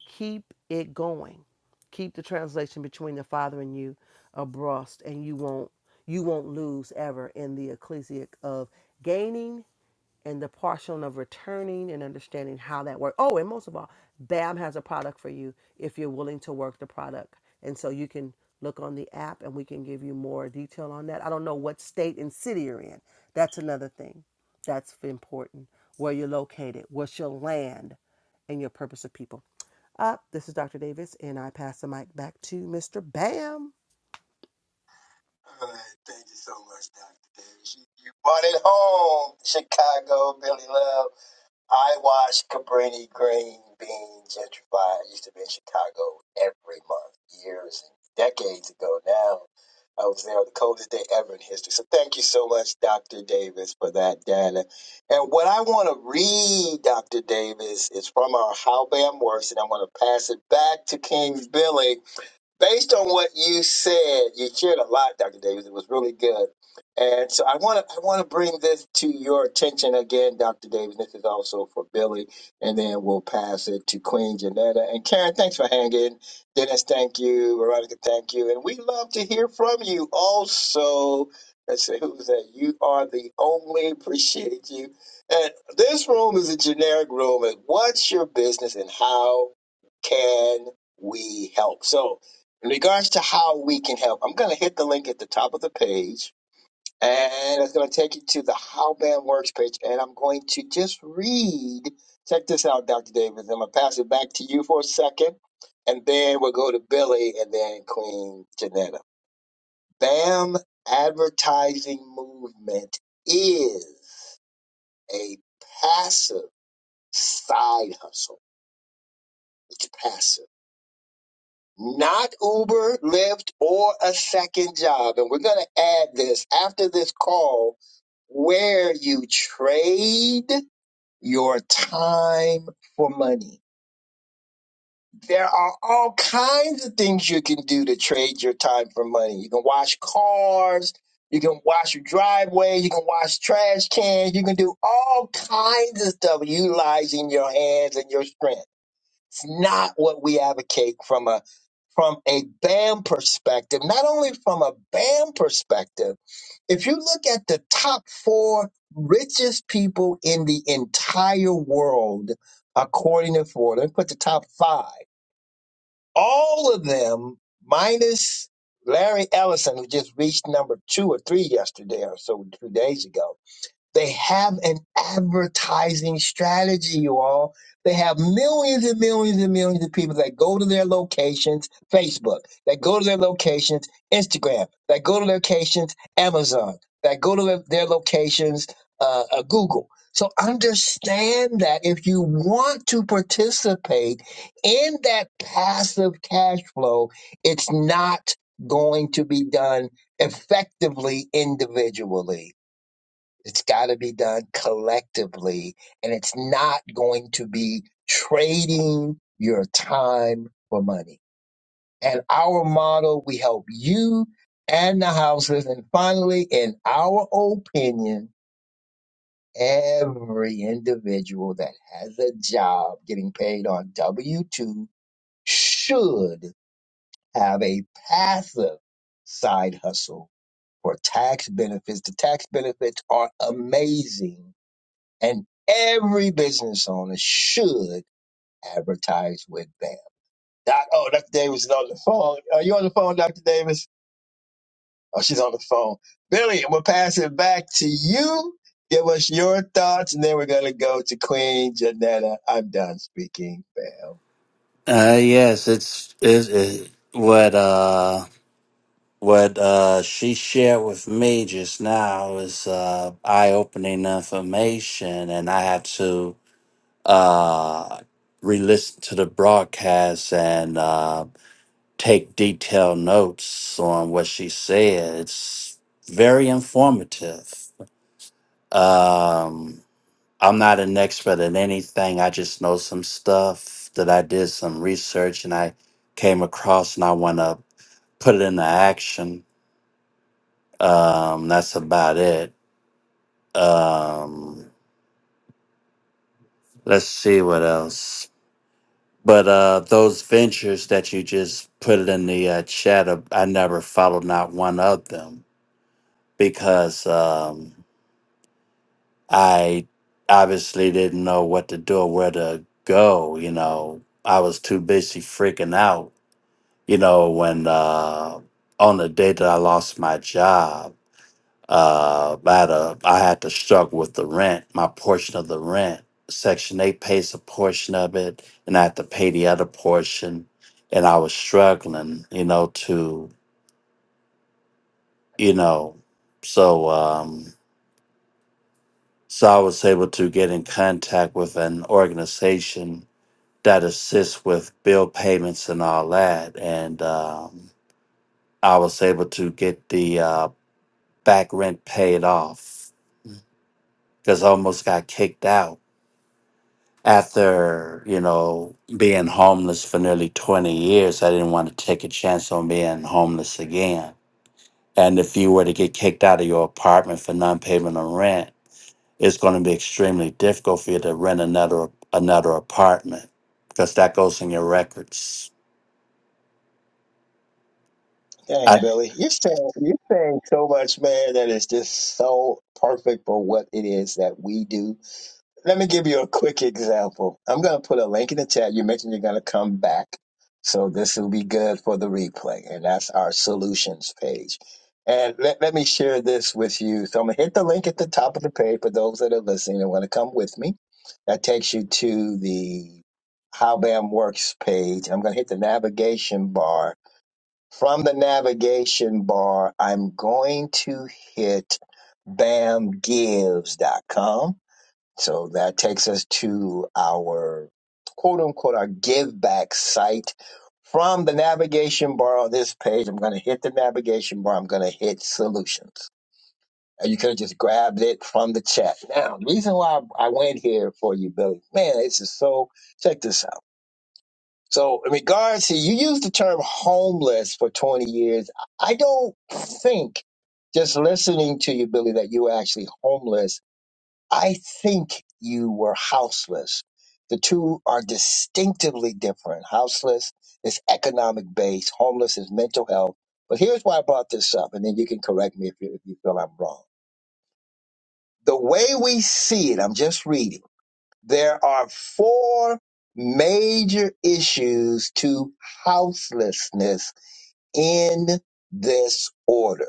Keep it going. Keep the translation between the father and you abreast and you won't you won't lose ever in the ecclesiac of gaining and the portion of returning and understanding how that works. Oh, and most of all, BAM has a product for you if you're willing to work the product. And so you can look on the app and we can give you more detail on that. I don't know what state and city you're in. That's another thing that's important. Where you're located, what's your land, and your purpose of people. Up, this is Dr. Davis, and I pass the mic back to Mr. Bam. All right, thank you so much, Dr. Davis. You, you brought it home, Chicago, Billy Love. I watch Cabrini Green being gentrified. I used to be in Chicago every month, years and decades ago now. I was there on the coldest day ever in history. So thank you so much, Dr. Davis, for that data. And what I want to read, Dr. Davis, is from our How Bam Works, and I'm going to pass it back to King Billy based on what you said, you shared a lot, Dr. Davis. It was really good. And so I want to I want to bring this to your attention again, Dr. Davis. This is also for Billy, and then we'll pass it to Queen Janetta and Karen. Thanks for hanging. Dennis, thank you. Veronica, thank you. And we love to hear from you. Also, let's see who's that? You are the only. Appreciate you. And this room is a generic room. And what's your business, and how can we help? So in regards to how we can help, I'm going to hit the link at the top of the page and it's going to take you to the How Band Works page. And I'm going to just read. Check this out, Dr. Davis. I'm going to pass it back to you for a second. And then we'll go to Billy and then Queen Janetta. BAM advertising movement is a passive side hustle. It's passive. not Uber, Lyft, or a second job. And we're going to add this after this call where you trade your time for money. There are all kinds of things you can do to trade your time for money. You can wash cars. You can wash your driveway. You can wash trash cans. You can do all kinds of stuff utilizing your hands and your strength. It's not what we advocate from a from a BAM perspective, not only from a BAM perspective, if you look at the top four richest people in the entire world, according to Ford, let me put the top five, all of them, minus Larry Ellison, who just reached number two or three yesterday or so, two days ago they have an advertising strategy, you all. They have millions and millions and millions of people that go to their locations, Facebook, that go to their locations, Instagram, that go to their locations, Amazon, that go to their, their locations, uh, uh, Google. So understand that if you want to participate in that passive cash flow, it's not going to be done effectively individually it's got to be done collectively, and it's not going to be trading your time for money. And our model, we help you and the houses. And finally, in our opinion, every individual that has a job getting paid on W 2 should have a passive side hustle for tax benefits. The tax benefits are amazing And every business owner should advertise with BAM. Doc, oh, Dr. Davis is on the phone. Are you on the phone, Dr. Davis? Oh, she's on the phone. Billy, we'll pass it back to you. Give us your thoughts, and then we're going to go to Queen Janetta. I'm done speaking, BAM. Uh, yes, it's is it, what uh. What uh, she shared with me just now is uh, eye-opening information, and I have to uh, re-listen to the broadcast and uh, take detailed notes on what she said. It's very informative. Um, I'm not an expert in anything. I just know some stuff that I did some research and I came across, and I want to put it into action Um, that's about it. Um, let's see what else. But uh, those ventures that you just put in the uh, chat, uh, I never followed not one of them because um, I obviously didn't know what to do or where to go. You know, I was too busy freaking out. You know, when uh, on the day that I lost my job Uh, I had a, I had to struggle with the rent, my portion of the rent. Section 8 pays a portion of it, and I had to pay the other portion. And I was struggling, you know, to, you know, so, um, so I was able to get in contact with an organization that assists with bill payments and all that. And um, I was able to get the uh, back rent paid off because I almost got kicked out after you know being homeless for nearly 20 years i didn't want to take a chance on being homeless again and if you were to get kicked out of your apartment for non-payment of rent it's going to be extremely difficult for you to rent another another apartment because that goes in your records Dang, I, Billy, you're saying, you're saying so much, man, that is just so perfect for what it is that we do Let me give you a quick example. I'm going to put a link in the chat. You mentioned you're going to come back. So this will be good for the replay. And that's our solutions page. And let, let me share this with you. So I'm going to hit the link at the top of the page for those that are listening and want to come with me. That takes you to the How BAM Works page. I'm going to hit the navigation bar. From the navigation bar, I'm going to hit bamgives.com so that takes us to our quote unquote our give back site. From the navigation bar on this page, I'm going to hit the navigation bar. I'm going to hit solutions. And you could have just grabbed it from the chat. Now, the reason why I went here for you, Billy, man, this is so, check this out. So in regards to, you used the term homeless for 20 years. I don't think just listening to you, Billy, that you were actually homeless I think you were houseless. The two are distinctively different. Houseless is economic based, homeless is mental health. But here's why I brought this up, and then you can correct me if you, if you feel I'm wrong. The way we see it, I'm just reading, there are four major issues to houselessness in this order.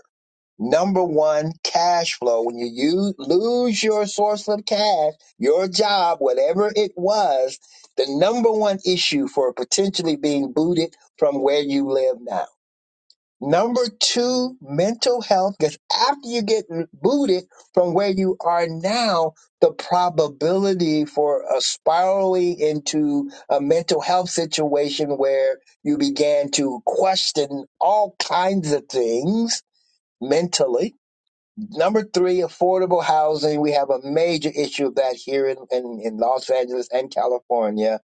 Number one, cash flow. When you use, lose your source of cash, your job, whatever it was, the number one issue for potentially being booted from where you live now. Number two, mental health. Because after you get booted from where you are now, the probability for a spiraling into a mental health situation where you began to question all kinds of things mentally Number three, affordable housing. We have a major issue of that here in, in, in Los Angeles and California.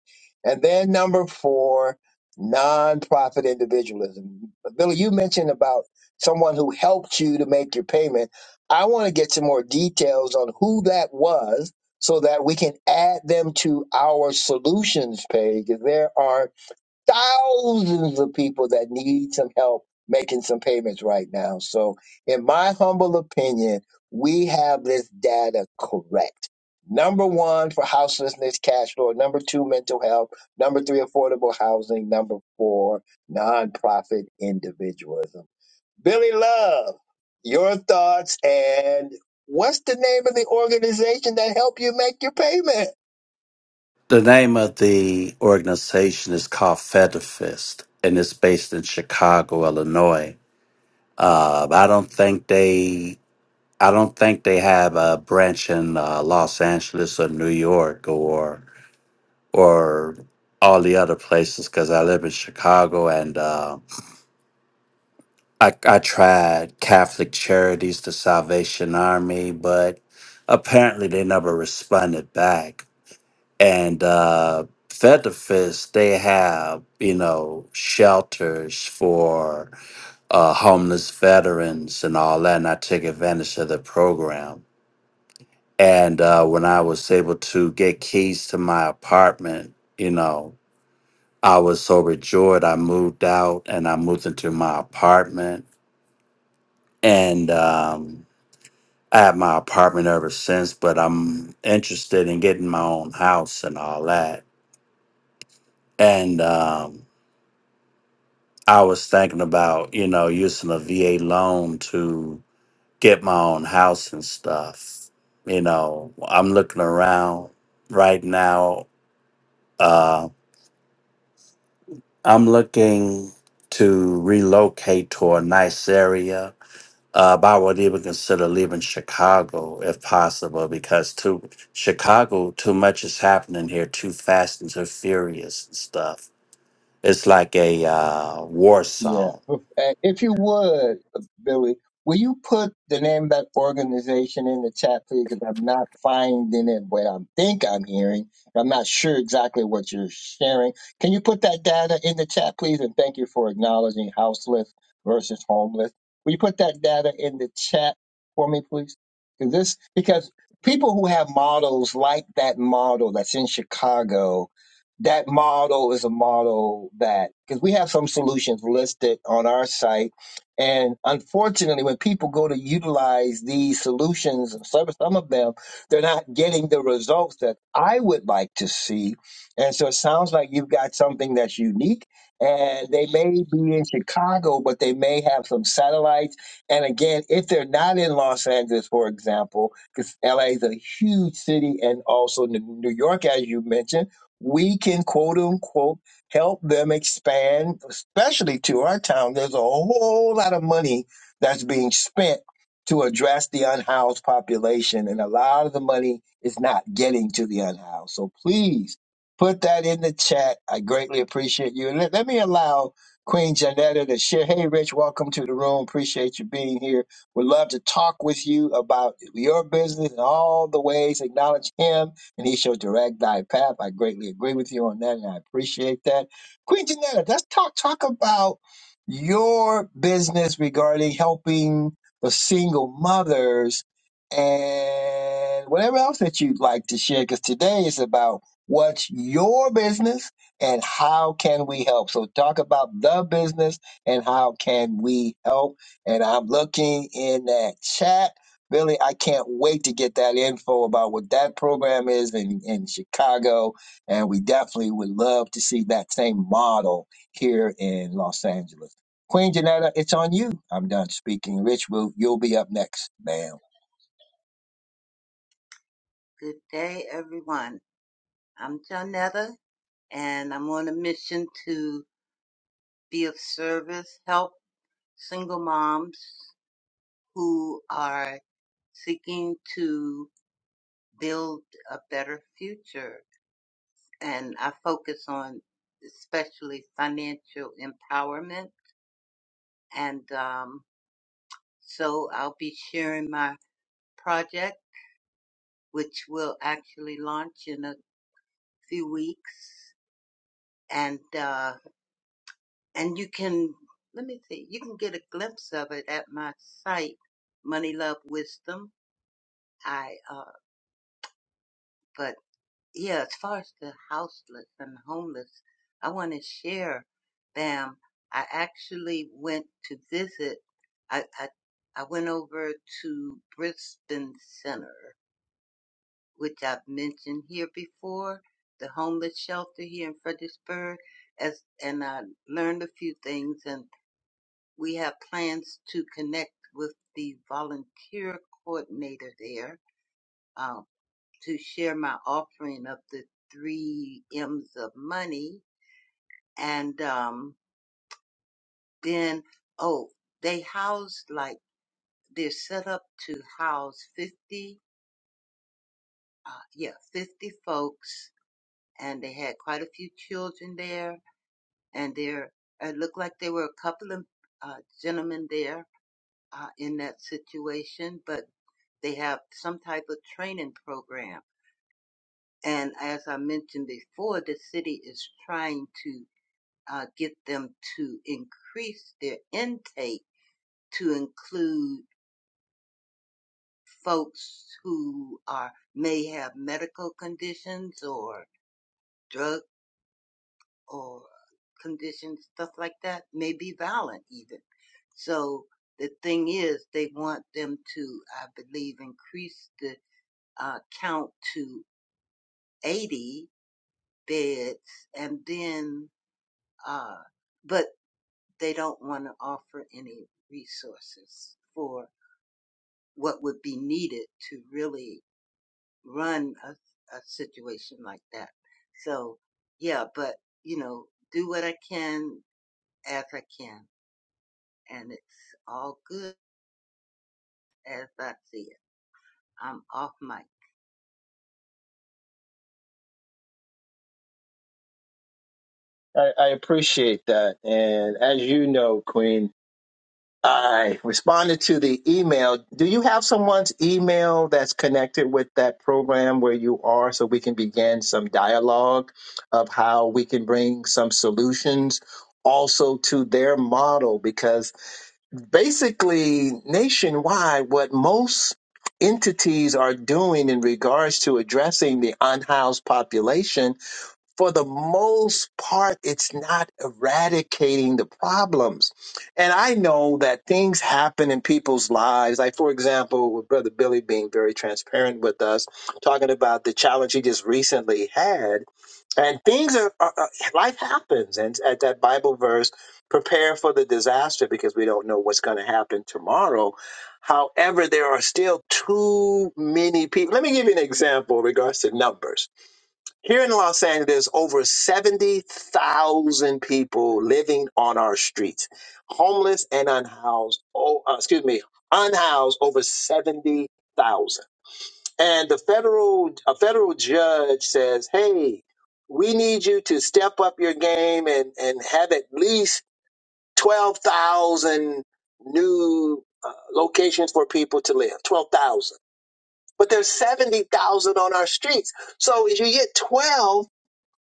And then number four, nonprofit individualism. Billy, you mentioned about someone who helped you to make your payment. I want to get some more details on who that was so that we can add them to our solutions page. There are thousands of people that need some help making some payments right now. So, in my humble opinion, we have this data correct. Number one for houselessness, cash flow. Number two, mental health. Number three, affordable housing. Number four, nonprofit individualism. Billy Love, your thoughts and what's the name of the organization that help you make your payments? the name of the organization is called federfist and it's based in chicago illinois uh, i don't think they I don't think they have a branch in uh, Los Angeles or New York or or all the other places because I live in Chicago and uh, I, I tried Catholic Charities, the Salvation Army, but apparently they never responded back. And uh, Federfist, they have you know shelters for uh, homeless veterans and all that, and I took advantage of the program And uh, when I was able to get keys to my apartment, you know, I was so rejoiced. I moved out and I moved into my apartment. And um, I had my apartment ever since, but I'm interested in getting my own house and all that. And um, I was thinking about, you know, using a VA loan to get my own house and stuff. You know, I'm looking around right now. uh, I'm looking to relocate to a nice area. Uh, but I would even consider leaving Chicago if possible because too Chicago too much is happening here too fast and too furious and stuff. It's like a uh, war Yeah. song. If uh, if you would, Billy, will you put the name of that organization in the chat, please? Because I'm not finding it what I think I'm hearing. I'm not sure exactly what you're sharing. Can you put that data in the chat, please? And thank you for acknowledging houseless versus homeless. Will you put that data in the chat for me, please? 'Cause This because people who have models like that model that's in Chicago that model is a model that because we have some solutions listed on our site and unfortunately when people go to utilize these solutions and some, some of them they're not getting the results that i would like to see and so it sounds like you've got something that's unique and they may be in chicago but they may have some satellites and again if they're not in los angeles for example because la is a huge city and also new new york as you mentioned we can quote unquote help them expand, especially to our town. There's a whole lot of money that's being spent to address the unhoused population, and a lot of the money is not getting to the unhoused. So please put that in the chat. I greatly appreciate you. And Let, let me allow Queen Janetta to share. Hey, Rich, welcome to the room. Appreciate you being here. Would love to talk with you about your business and all the ways. Acknowledge him and he shall direct thy path. I greatly agree with you on that, and I appreciate that. Queen Janetta, let's talk talk about your business regarding helping the single mothers and whatever else that you'd like to share, because today is about what's your business and how can we help. So talk about the business and how can we help. And I'm looking in that chat Billy, I can't wait to get that info about what that program is in, in Chicago. And we definitely would love to see that same model here in Los Angeles. Queen Janetta, it's on you. I'm done speaking. Rich, will you'll be up next, ma'am. Good day, everyone. I'm Janetta, and I'm on a mission to be of service, help single moms who are seeking to build a better future. And I focus on especially financial empowerment. And um, so I'll be sharing my project, which will actually launch in a few weeks. And uh, and you can let me see you can get a glimpse of it at my site money love wisdom i uh but yeah as far as the houseless and homeless i want to share bam i actually went to visit i i I went over to Brisbane Center, which I've mentioned here before, the homeless shelter here in Fredericksburg, as and I learned a few things and. We have plans to connect with the volunteer coordinator there uh, to share my offering of the three M's of money. And um, then, oh, they house like they're set up to house 50, uh, yeah, 50 folks. And they had quite a few children there. And there, it looked like there were a couple of uh, gentlemen there uh, in that situation, but they have some type of training program. And as I mentioned before, the city is trying to uh, get them to increase their intake to include folks who are may have medical conditions or drug or conditions, stuff like that, may be violent even. So the thing is, they want them to, I believe, increase the uh, count to 80 beds and then, uh, but they don't want to offer any resources for what would be needed to really run a, a situation like that. So yeah, but you know, do what I can as I can and it's all good as I see it. I'm off my I, I appreciate that. And as you know, Queen. I responded to the email. Do you have someone's email that's connected with that program where you are so we can begin some dialogue of how we can bring some solutions also to their model? Because basically, nationwide, what most entities are doing in regards to addressing the unhoused population for the most part, it's not eradicating the problems. And I know that things happen in people's lives. Like, for example, with Brother Billy being very transparent with us, talking about the challenge he just recently had. And things are, are are- life happens. And at that Bible verse, prepare for the disaster because we don't know what's going to happen tomorrow. However, there are still too many people. Let me give you an example in regards to numbers here in Los Angeles, there's over 70,000 people living on our streets, homeless and unhoused. Oh, uh, excuse me, unhoused over 70,000. And the federal a federal judge says, "Hey, we need you to step up your game and and have at least 12,000 new uh, locations for people to live. 12,000. But there's 70,000 on our streets. So if you get 12."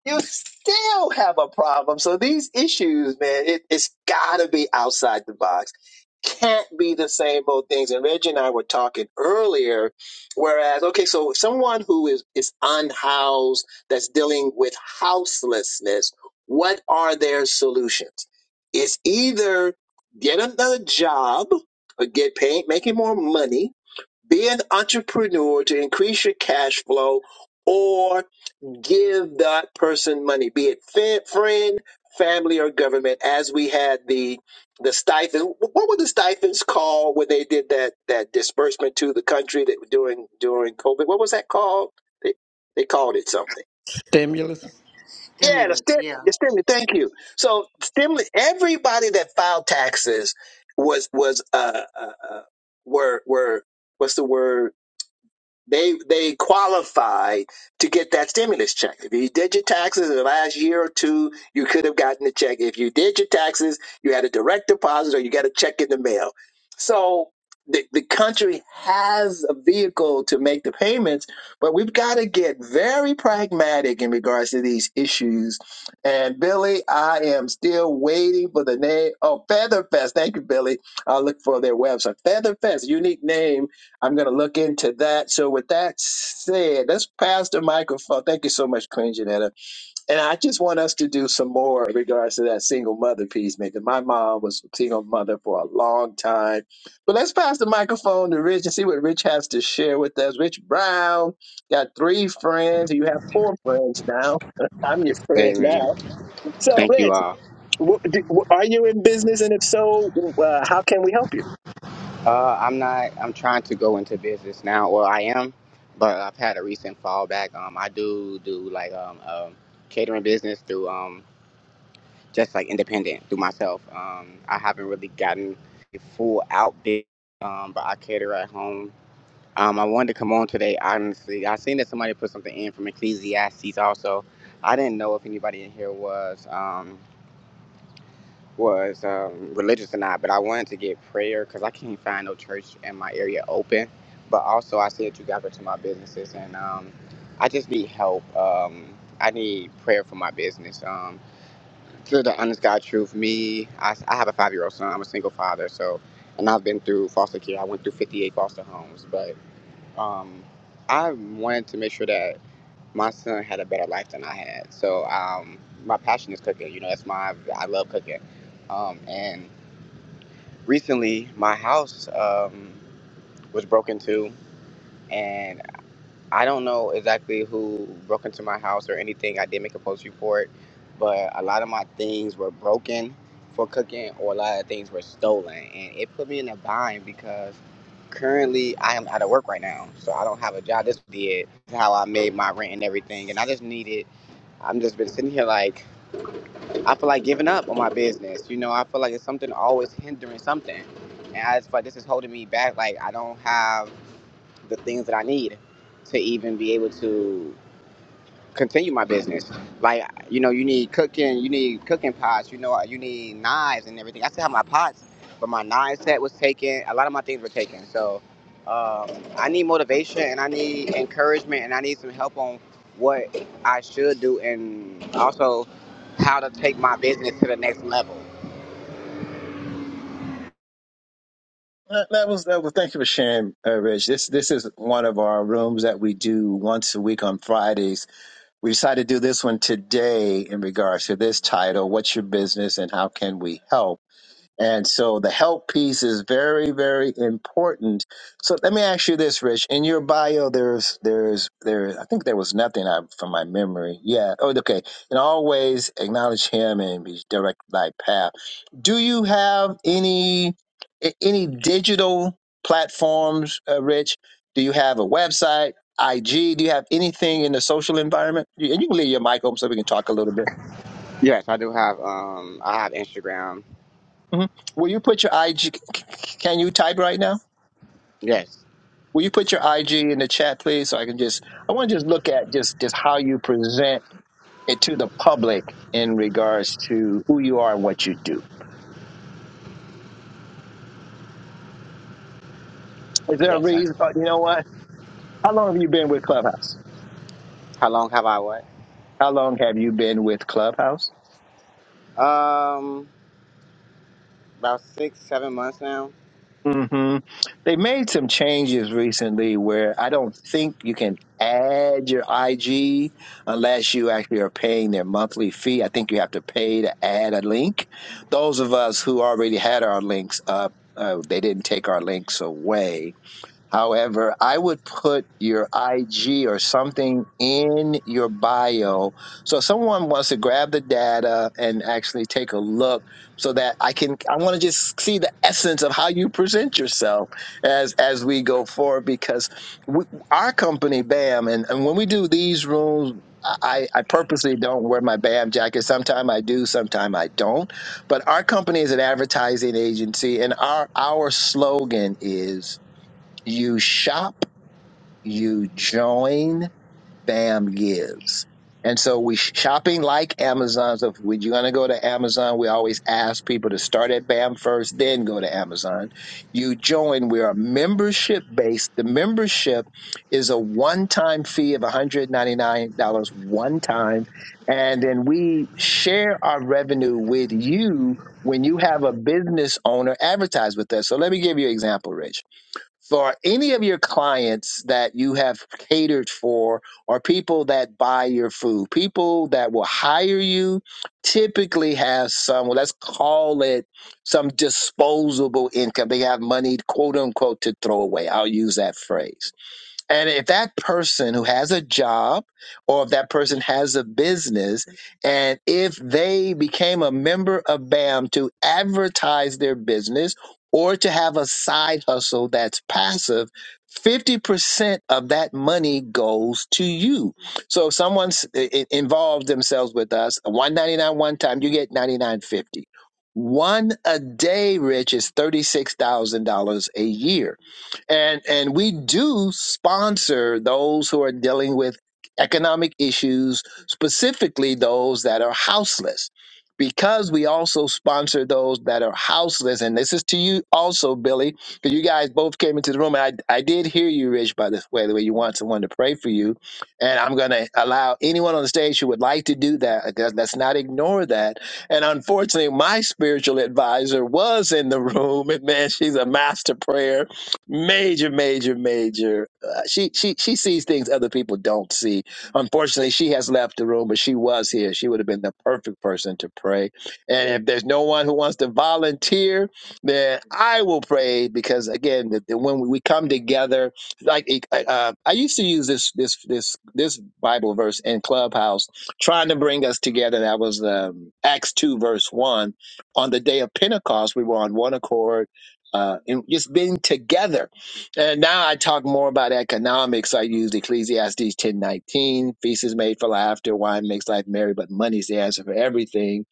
you still have a problem. So these issues, man, it, it's got to be outside the box. Can't be the same old things. And Reggie and I were talking earlier, whereas, okay, so someone who is, is unhoused, that's dealing with houselessness, what are their solutions? It's either get another job or get paid, making more money, be an entrepreneur to increase your cash flow, or give that person money, be it fa- friend, family, or government. As we had the the stipend, what were the stipends called when they did that that disbursement to the country that during during COVID? What was that called? They they called it something. Stimulus. Yeah, the stimulus. stim, Yeah. the stimulus. Thank you. So stimulus. Everybody that filed taxes was was uh, uh, uh were were what's the word? They they qualified to get that stimulus check. If you did your taxes in the last year or two, you could have gotten the check. If you did your taxes, you had a direct deposit or you got a check in the mail. So the, the country has a vehicle to make the payments, but we've got to get very pragmatic in regards to these issues. And Billy, I am still waiting for the name. Oh, Featherfest. Thank you, Billy. I'll look for their website. Featherfest, unique name I'm going to look into that. So, with that said, let's pass the microphone. Thank you so much, Queen Janetta. And I just want us to do some more in regards to that single mother piece, because my mom was a single mother for a long time. But let's pass the microphone to Rich and see what Rich has to share with us. Rich Brown got three friends. You have four friends now. I'm your friend now. Amen. So, Thank you Rich, all. wh- do- wh- are you in business? And if so, uh, how can we help you? Uh, I'm not. I'm trying to go into business now. Well, I am, but I've had a recent fallback. Um, I do do like um, um catering business through um just like independent through myself. Um, I haven't really gotten a full out big. Um, but I cater at home. Um, I wanted to come on today. Honestly, I seen that somebody put something in from Ecclesiastes. Also, I didn't know if anybody in here was. Um, was um, religious or not, but I wanted to get prayer because I can't find no church in my area open. But also, I said you got to my businesses, and um, I just need help. Um, I need prayer for my business. Um, to the honest God truth, me, I, I have a five year old son. I'm a single father, so and I've been through foster care. I went through 58 foster homes, but um, I wanted to make sure that my son had a better life than I had. So um, my passion is cooking. You know, that's my I love cooking, um, and recently my house um, was broken into and i don't know exactly who broke into my house or anything i did make a post report but a lot of my things were broken for cooking or a lot of things were stolen and it put me in a bind because currently i am out of work right now so i don't have a job this did how i made my rent and everything and i just needed i'm just been sitting here like I feel like giving up on my business. You know, I feel like it's something always hindering something. And I just feel like this is holding me back. Like I don't have the things that I need to even be able to continue my business. Like, you know, you need cooking, you need cooking pots, you know, you need knives and everything. I still have my pots, but my knife set was taken. A lot of my things were taken. So um, I need motivation and I need encouragement and I need some help on what I should do and also how to take my business to the next level. That that was that was. Thank you for sharing, uh, Rich. This this is one of our rooms that we do once a week on Fridays. We decided to do this one today in regards to this title: "What's your business and how can we help?" And so the help piece is very, very important. So let me ask you this, Rich. In your bio, there's, there's, there. I think there was nothing I, from my memory. Yeah. Oh, okay. And always acknowledge Him and be direct thy path. Do you have any a- any digital platforms, uh, Rich? Do you have a website, IG? Do you have anything in the social environment? You- And you can leave your mic open so we can talk a little bit. Yes, I do have, um, I have Instagram. hmm Will you put your IG? Can you type right now? Yes, Will you put your IG in the chat, please, so I can just I want to just look at just just how you present it to the public in regards to who you are and what you do. Is there a yes. reason? uh, You know what? How long have you been with Clubhouse? How long have I what? How long have you been with Clubhouse? Um, about six, seven months now. hmm They made some changes recently where I don't think you can add your IG unless you actually are paying their monthly fee. I think you have to pay to add a link. Those of us who already had our links up, uh, they didn't take our links away However, I would put your IG or something in your bio. So if someone wants to grab the data and actually take a look so that I can I want to just see the essence of how you present yourself as as we go forward because we, our company BAM and, and when we do these rooms I, I purposely don't wear my BAM jacket. Sometime I do, sometime I don't. But our company is an advertising agency, and our our slogan is you shop, you join, BAM gives. And so we sh- shopping like Amazon. So if we- you're going to go to Amazon, we always ask people to start at BAM first, then go to Amazon. You join. We are membership based. The membership is a one time fee of $199 one time. And then we share our revenue with you when you have a business owner advertise with us. So let me give you an example, Rich for any of your clients that you have catered for or people that buy your food, people that will hire you typically have some, well, let's call it some disposable income. They have money, quote unquote, to throw away. I'll use that phrase and if that person who has a job or if that person has a business, and if they became a member of BAM to advertise their business or to have a side hustle that's passive, 50% of that money goes to you. So if someone's i- i- involved themselves with us, 199 one time, you get 99.50. One a day, Rich, is $36,000 a year and and we do sponsor those who are dealing with economic issues specifically those that are houseless because we also sponsor those that are houseless and this is to you also billy because you guys both came into the room and I, I did hear you rich by the way the way you want someone to pray for you and i'm going to allow anyone on the stage who would like to do that like, let- let's not ignore that and unfortunately my spiritual advisor was in the room and man she's a master prayer major, major, major. Uh, she she she sees things other people don't see. Unfortunately, she has left the room, but she was here. She would have been the perfect person to pray. And if there's no one who wants to volunteer, then I will pray because again, the, the, when we come together, like uh, I used to use this this this this Bible verse in Clubhouse, trying to bring us together. That was um, Acts two verse one. On the day of Pentecost, we were on one accord uh, and just being together. And now I talk more about economics. I use Ecclesiastes ten nineteen, feast is made for laughter, wine makes life merry, but money's the answer for everything.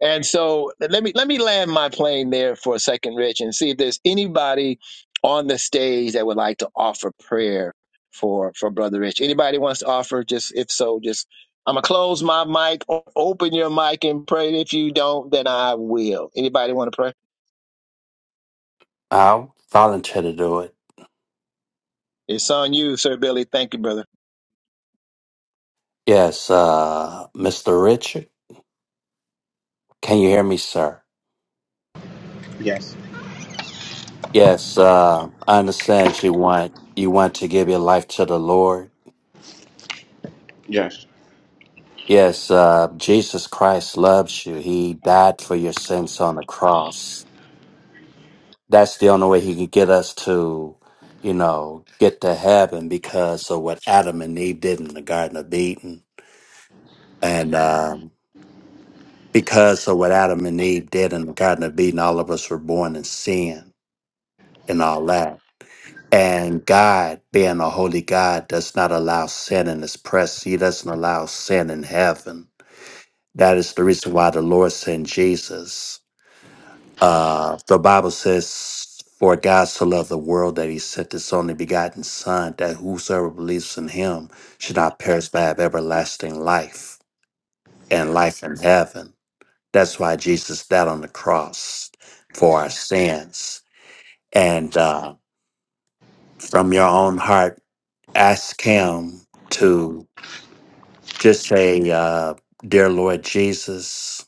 And so let me let me land my plane there for a second, Rich, and see if there's anybody on the stage that would like to offer prayer for for Brother Rich. Anybody wants to offer? Just if so, just I'm gonna close my mic. or Open your mic and pray. If you don't, then I will. Anybody want to pray? I'll volunteer to do it. It's on you, Sir Billy. Thank you, brother. Yes, uh, Mr. Richard, can you hear me, sir? Yes. Yes, uh, I understand you want you want to give your life to the Lord Yes. Yes, uh, Jesus Christ loves you. He died for your sins on the cross. That's the only way he could get us to, you know, get to heaven because of what Adam and Eve did in the Garden of Eden. And um, because of what Adam and Eve did in the Garden of Eden, all of us were born in sin and all that. And God, being a holy God, does not allow sin in his presence. He doesn't allow sin in heaven. That is the reason why the Lord sent Jesus Uh, the Bible says, For God so loved the world that he sent his only begotten Son, that whosoever believes in him should not perish but have everlasting life and life in heaven. That's why Jesus died on the cross for our sins. And uh, from your own heart, ask him to just say, uh, Dear Lord Jesus,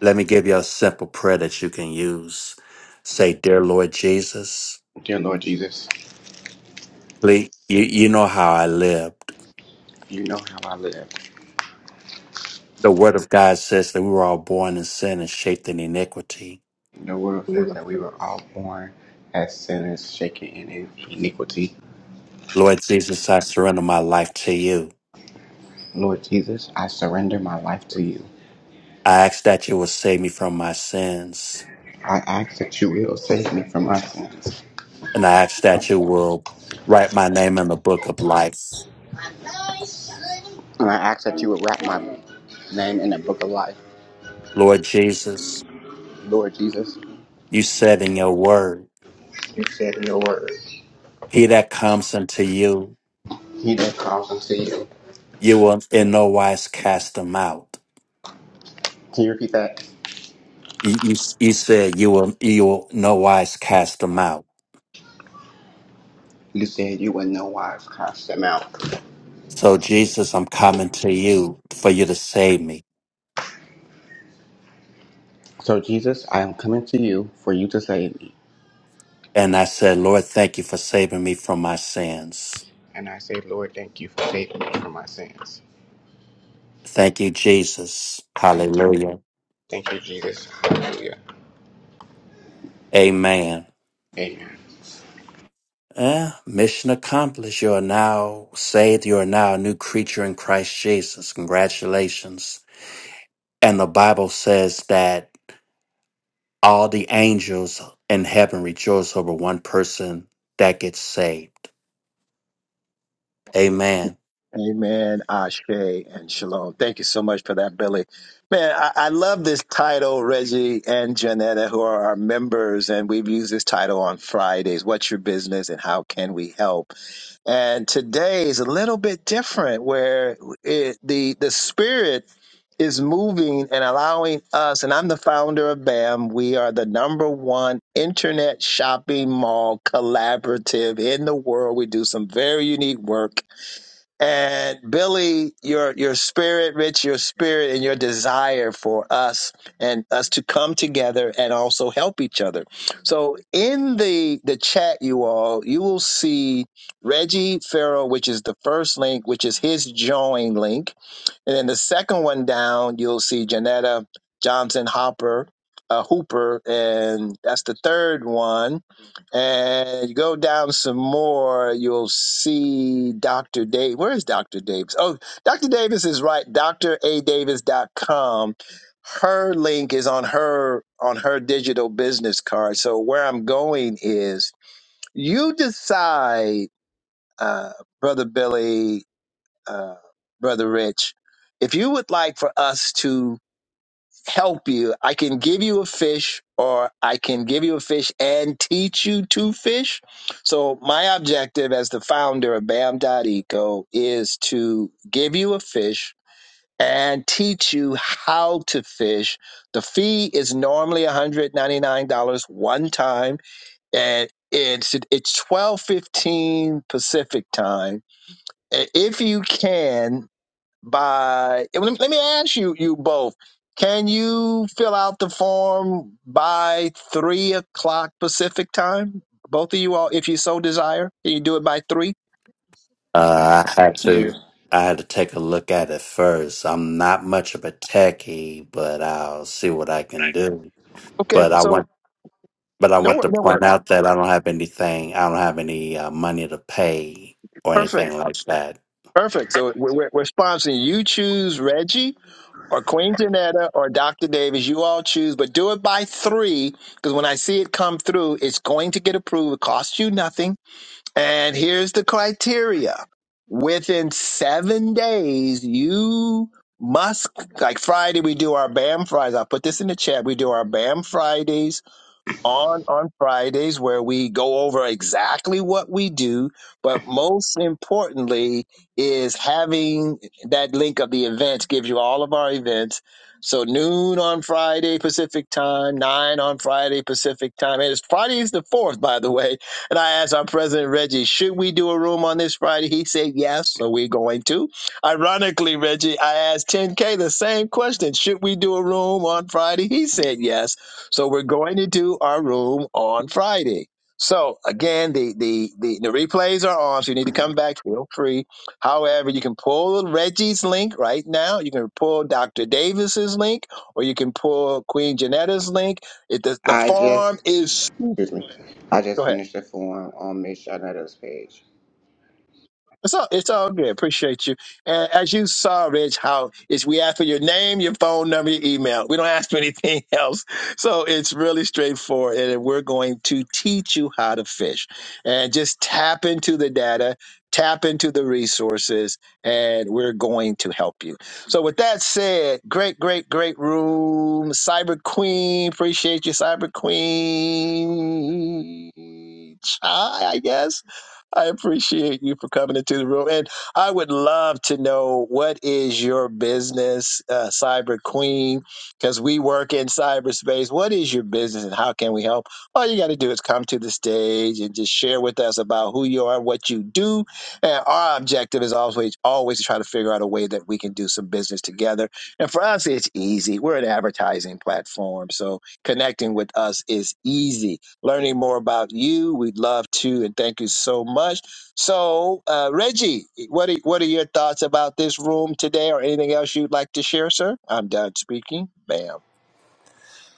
let me give you a simple prayer that you can use. Say, Dear Lord Jesus. Dear Lord Jesus, Lee, you, you know how I lived. you know how I live. The word of God says that we were all born in sin and shaped in iniquity. The world says that we were all born as sinners, shaken in iniquity. Lord Jesus, I surrender my life to you. Lord Jesus, I surrender my life to you. I ask that you will save me from my sins. I ask that you will save me from my sins. And I ask that you will write my name in the book of life. And I ask that you would wrap my name in the book of life. Lord Jesus, Lord Jesus, you said in your word, you said in your word, he that comes unto you, he that calls unto you. you will in no wise cast him out. Can you repeat that? You, you, you said you will, you will no wise cast him out. You said you would no wise cast them out. So, Jesus, I'm coming to you for you to save me. So, Jesus, I am coming to you for you to save me. And I said, Lord, thank you for saving me from my sins. And I say, Lord, thank you for saving me from my sins. Thank you, Jesus. Thank you. Hallelujah. Thank you, Jesus. Hallelujah. Amen. Amen. Eh, mission accomplished. You are now saved. You are now a new creature in Christ Jesus. Congratulations. And the Bible says that all the angels in heaven rejoice over one person that gets saved. Amen. Amen, Ashe, and Shalom. Thank you so much for that, Billy. Man, I, I love this title, Reggie and Janetta, who are our members, and we've used this title on Fridays. What's your business and how can we help? And today is a little bit different where it, the, the spirit is moving and allowing us, and I'm the founder of BAM. We are the number one internet shopping mall collaborative in the world. We do some very unique work and Billy, your your spirit, Rich, your spirit and your desire for us and us to come together and also help each other. So in the the chat, you all, you will see Reggie Farrell, which is the first link, which is his join link and then the second one down, you'll see Janetta Johnson Hopper, uh, Hooper, and that's the third one. And you go down some more, you'll see Dr. Dave. Where is Dr. Davis? Oh, Dr. Davis is right. Doctor A Davis dot com. Her link is on her on her digital business card. So where I'm going is you decide, uh, brother Billy uh, Brother Rich. If you would like for us to help you, I can give you a fish or I can give you a fish and teach you to fish. So, my objective as the founder of Bam dot Eco is to give you a fish and teach you how to fish. The fee is normally $199 one time and it's it's 12:15 Pacific time. If you can by let me, let me ask you you both can you fill out the form by three o'clock pacific time both of you all if you so desire can you do it by three Uh, I had to. Here, I had to take a look at it first. I'm not much of a techie, but I'll see what I can do. okay But I so want. But I want no to that point works out that I don't have anything. I don't have any uh, money to pay or perfect anything like that. perfect so we're, we're, we're sponsoring you choose reggie or queen janetta or dr davis you all choose but do it by three because when i see it come through it's going to get approved it costs you nothing And here's the criteria. Within seven days, you must, like Friday, we do our BAM Fridays. I'll put this in the chat. We do our BAM Fridays on on Fridays where we go over exactly what we do, but most importantly is having that link of the events gives you all of our events. So noon on Friday Pacific time, nine on Friday Pacific time. And it's Friday is the fourth, by the way. And I asked our president Reggie, should we do a room on this Friday? He said yes, so we're going to. Ironically, Reggie, I asked 10K the same question. Should we do a room on Friday? He said yes. So we're going to do our room on Friday. So again, the the the, the replays are on, so you need to come back. Feel free. However, you can pull Reggie's link right now. You can pull Dr. Davis's link, or you can pull Queen Janetta's link. It, the, the I farm just, is. excuse me, I Go just ahead. finished the form on Miss Shanetta's page. It's all, it's all good. Appreciate you. And as you saw, Rich, how it's we ask for your name, your phone number, your email. We don't ask for anything else. So it's really straightforward. And we're going to teach you how to fish and just tap into the data, tap into the resources, and we're going to help you. So with that said, great, great, great room. Cyber Queen. Appreciate you, Cyber Queen. Hi, I guess. I appreciate you for coming into the room. And I would love to know what is your business, uh, Cyber Queen, because we work in cyberspace. What is your business and how can we help? All you got to do is come to the stage and just share with us about who you are, what you do. And our objective is always, always to try to figure out a way that we can do some business together. And for us, it's easy. We're an advertising platform. So connecting with us is easy learning more about you. We'd love to, and thank you so much. So, uh, Reggie, what are, what are your thoughts about this room today, or anything else you'd like to share, sir? I'm done speaking. Bam.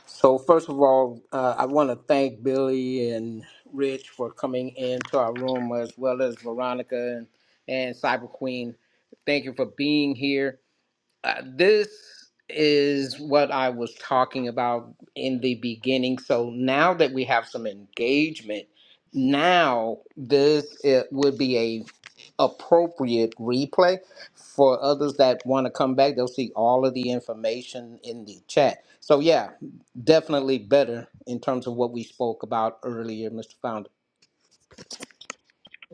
So, first of all, uh, I want to thank Billy and Rich for coming into our room, as well as Veronica and, and Cyber Queen. Thank you for being here. Uh, this is what I was talking about in the beginning. So now that we have some engagement, now this it would be a appropriate replay for others that want to come back. They'll see all of the information in the chat. So yeah, definitely better in terms of what we spoke about earlier, Mr. Founder.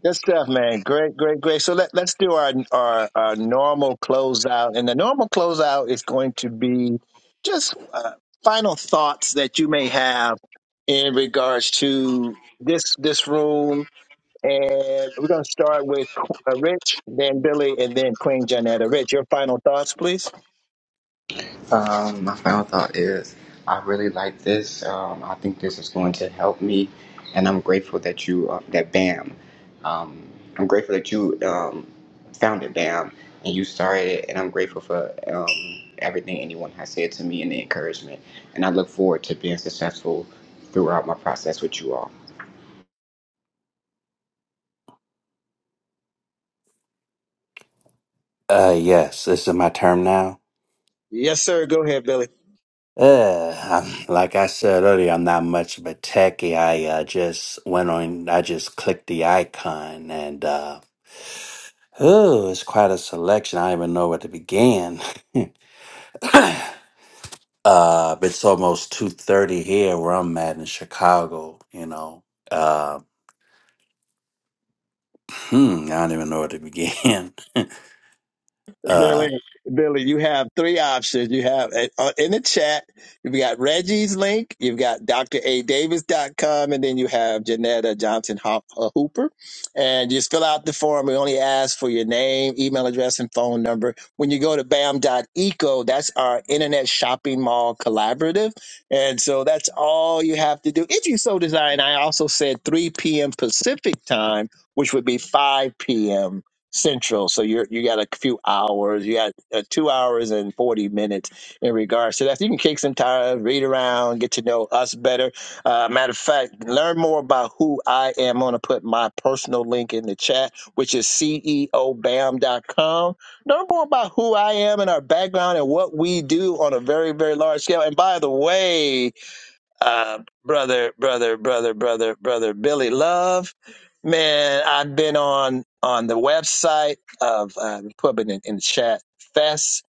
Good stuff, man. Great, great, great. So let, let's do our, our our normal closeout, and the normal closeout is going to be just uh, final thoughts that you may have in regards to this this room And we're going to start with uh, Rich, then Billy, and then Queen Janetta. Rich, your final thoughts, please. Um, my final thought is I really like this. Um, I think this is going to help me, and I'm grateful that you, uh, that BAM, um, I'm grateful that you um, founded BAM and you started it, and I'm grateful for um, everything anyone has said to me and the encouragement. And I look forward to being successful throughout my process with you all. Uh, yes, this is my term now. Yes, sir. Go ahead, Billy. Uh, I'm, like I said earlier, I'm not much of a techie. I uh, just went on. I just clicked the icon, and uh, oh, it's quite a selection. I don't even know where to begin. uh it's almost 2.30 here where i'm at in chicago you know uh hmm, i don't even know where to begin uh Billy, Billy, you have three options. You have uh, in the chat, you've got Reggie's link, you've got Dr. A Davis dot com, and then you have Janetta Johnson Ho- uh, Hooper. And just fill out the form. We only ask for your name, email address, and phone number. When you go to Bam dot Eco, that's our internet shopping mall collaborative. And so that's all you have to do. If you so desire, and I also said 3 p.m. Pacific time, which would be 5 p.m. Central. So you're you got a few hours. You got uh, two hours and forty minutes in regards to that. So you can kick some tires, read around, get to know us better. Uh, matter of fact, learn more about who I am. I'm gonna put my personal link in the chat, which is ceobam.com. Learn more about who I am and our background and what we do on a very very large scale. And by the way uh, brother, brother, brother, brother, brother Billy Love. Man, I've been on on the website of uh, put it in, in the chat fest.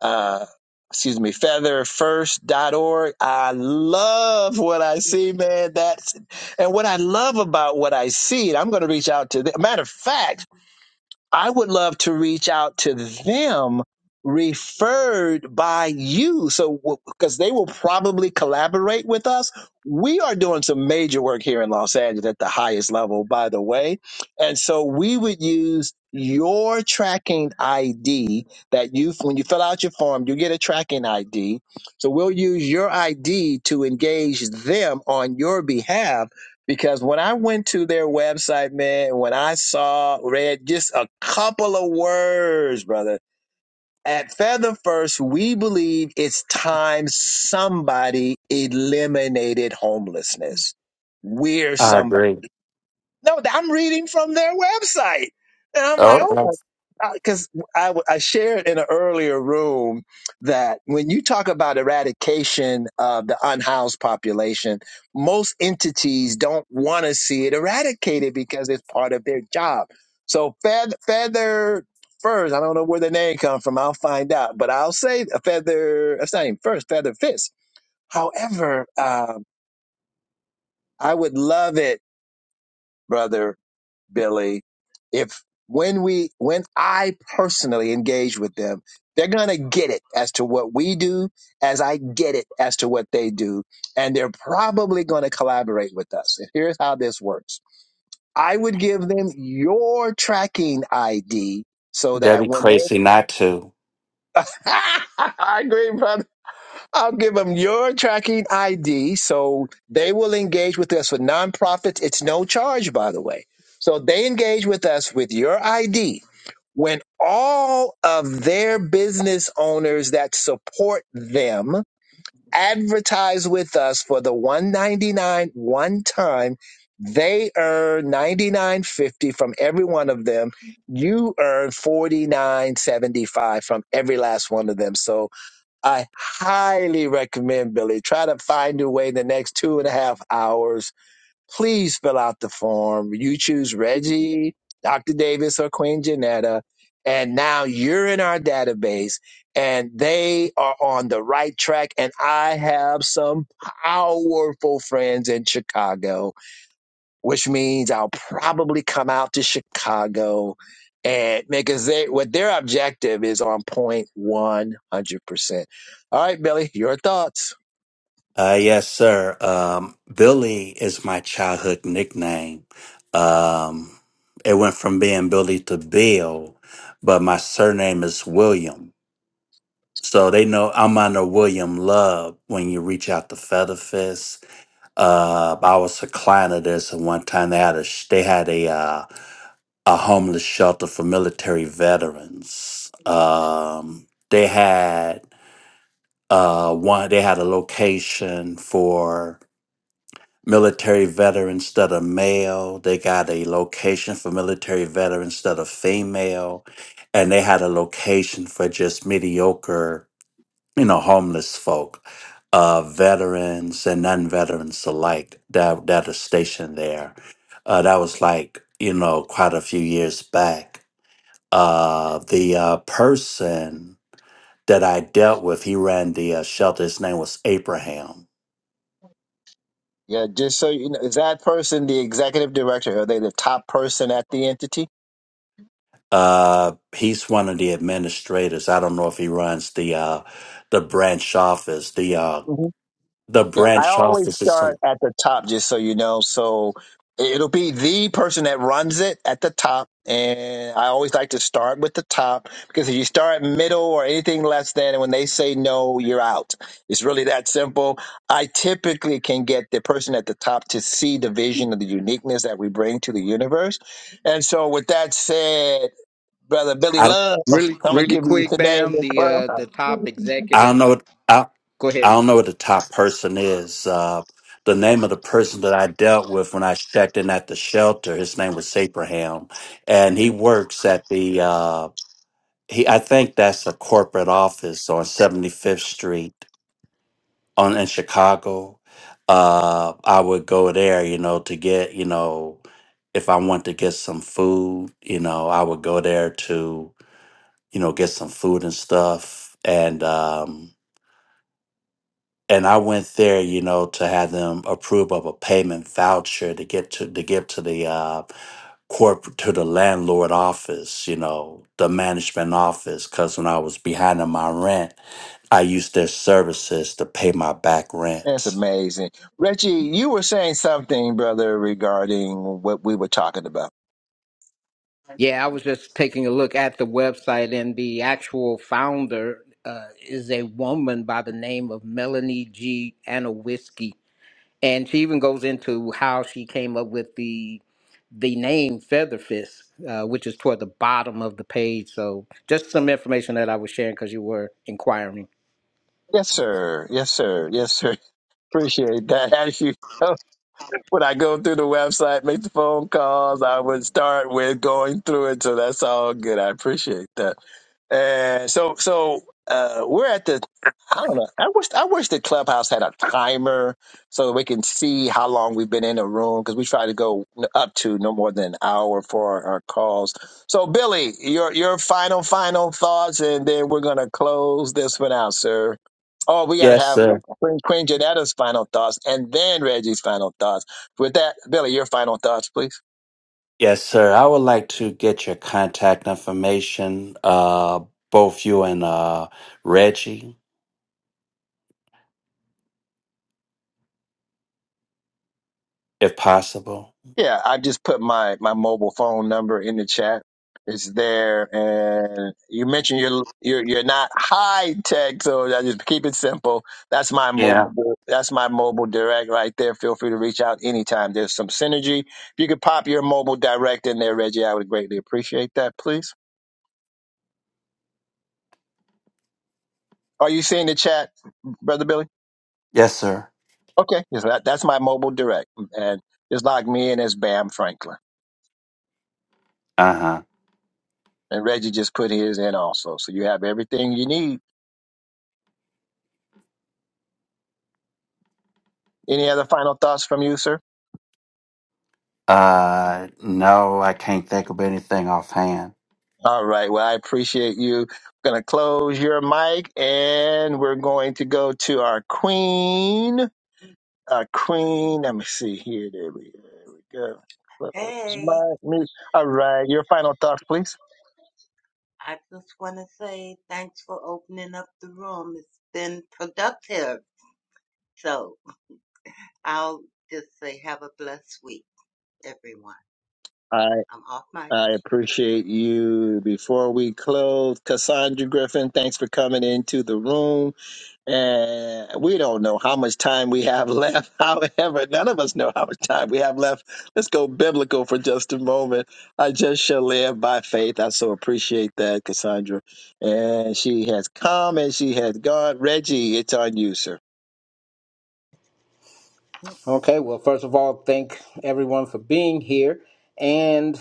Uh, excuse me, feather first dot org. I love what I see, man. That's and what I love about what I see. I'm going to reach out to. The, matter of fact. I would love to reach out to them referred by you. So, because they will probably collaborate with us. We are doing some major work here in Los Angeles at the highest level, by the way. And so we would use your tracking ID that you, when you fill out your form, you get a tracking ID. So we'll use your ID to engage them on your behalf because when I went to their website, man, when I saw, read just a couple of words, brother. At Feather First, we believe it's time somebody eliminated homelessness. We're i some. agree No, I'm reading from their website. And I'm like, oh oh, my! oh, because I, w- I shared in an earlier room that when you talk about eradication of the unhoused population, most entities don't want to see it eradicated because it's part of their job. So feather, feather furs, I don't know where the name comes from. I'll find out, but I'll say a feather, it's not even first, feather fist. However, um, I would love it, brother. Billy, if when we when I personally engage with them, they're gonna get it as to what we do, as I get it as to what they do, and they're probably gonna collaborate with us. And here's how this works. I would give them your tracking ID so that'd that be when they crazy not to I agree, brother. I'll give them your tracking ID so they will engage with us for nonprofits. It's no charge, by the way. So they engage with us with your ID. When all of their business owners that support them advertise with us for the 199 one time, they earn 99.50 from every one of them. You earn 49.75 from every last one of them. So I highly recommend Billy. Try to find your way in the next two and a half hours. Please fill out the form. You choose Reggie, Dr. Davis, or Queen Janetta. And now you're in our database and they are on the right track. And I have some powerful friends in Chicago which means I'll probably come out to Chicago and make a they what their objective is on point one hundred percent. All right, Billy, your thoughts. uh yes sir um billy is my childhood nickname um it went from being billy to bill but my surname is william so they know i'm under william love when you reach out to feather fist Uh, I was a client of this, and one time they had a sh- they had a uh, a homeless shelter for military veterans. Um, they had uh one they had a location for military veterans that are male. They got a location for military veterans that are female, and they had a location for just mediocre you know, homeless folk, uh, veterans and non-veterans alike that that are stationed there. Uh, that was like you know quite a few years back. Uh, the uh, person that I dealt with, he ran the uh, shelter. His name was Abraham. Yeah, just so you know, is that person the executive director? Are they the top person at the entity? Uh, he's one of the administrators. I don't know if he runs the uh, the branch office. The uh, the Yeah, I branch always office is some. start at the top, just so you know. So it- it'll be the person that runs it at the top. And I always like to start with the top because if you start middle or anything less than, when they say no, you're out. It's really that simple. I typically can get the person at the top to see the vision of the uniqueness that we bring to the universe. And so, with that said, Brother Billy Love, Really, I'm going to really give you quick, the name Bam. and The uh, club. the top I don't executive. know. what- I, Go ahead. I don't know what the top person is. Uh, the name of the person that I dealt with when I checked in at the shelter, his name was Abraham, and he works at the. Uh, he, I think that's a corporate office on Seventy Fifth Street on in Chicago. Uh, I would go there, you know, to get, you know, if I want to get some food, you know, I would go there to, you know, get some food and stuff, and. um and I went there, you know, to have them approve of a payment voucher to get to to give to the uh, corporate to the landlord office, you know, the management office, because when I was behind on my rent, I used their services to pay my back That's rent. amazing. Reggie, you were saying something, brother, regarding what we were talking about. Yeah, I was just taking a look at the website, and the actual founder uh, is a woman by the name of Melanie G. Anowiski, and she even goes into how she came up with the the name Featherfist, uh, which is toward the bottom of the page. So, just some information that I was sharing because you were inquiring. Yes, sir. Yes, sir. Yes, sir. Appreciate that. as you? when I go through the website, make the phone calls, I would start with going through it. So that's all good. I appreciate that. And so, so uh, we're at the. I don't know. I wish I wish the clubhouse had a timer so we can see how long we've been in a room because we try to go up to no more than an hour for our, our calls. So, Billy, your your final final thoughts, and then we're gonna close this one out, sir. Oh, we got to Yes, have sir. Queen, Queen Janetta's final thoughts and then Reggie's final thoughts. With that, Billy, your final thoughts, please. Yes, sir. I would like to get your contact information, uh, both you and uh, Reggie, if possible. Yeah, I just put my my mobile phone number in the chat. It's there, and you mentioned you're you're you're not high tech, so I just keep it simple. That's my Yeah. mobile. That's my mobile direct right there. Feel free to reach out anytime. There's some synergy. If you could pop your mobile direct in there, Reggie, I would greatly appreciate that, please. Are you seeing the chat, brother Billy? Yes, sir. Okay, yes, that, that's my mobile direct, and just log me in as Bam Franklin. Uh huh. And Reggie just put his in also. So you have everything you need. Any other final thoughts from you, sir? Uh, no, I can't think of anything offhand. All right. Well, I appreciate you. Going to close your mic and we're going to go to our queen. Our queen. Let me see here. There we, there we go. Close Hey. mic, mute. All right. Your final thoughts, please. I just want to say thanks for opening up the room. It's been productive. So I'll just say have a blessed week, everyone. I I'm off mic. I appreciate you. Before we close, Cassandra Griffin, thanks for coming into the room. And we don't know how much time we have left. However, none of us know how much time we have left. Let's go biblical for just a moment. I just shall live by faith. I so appreciate that, Cassandra. And she has come and she has gone. Reggie, it's on you, sir. Okay, well, first of all, thank everyone for being here. And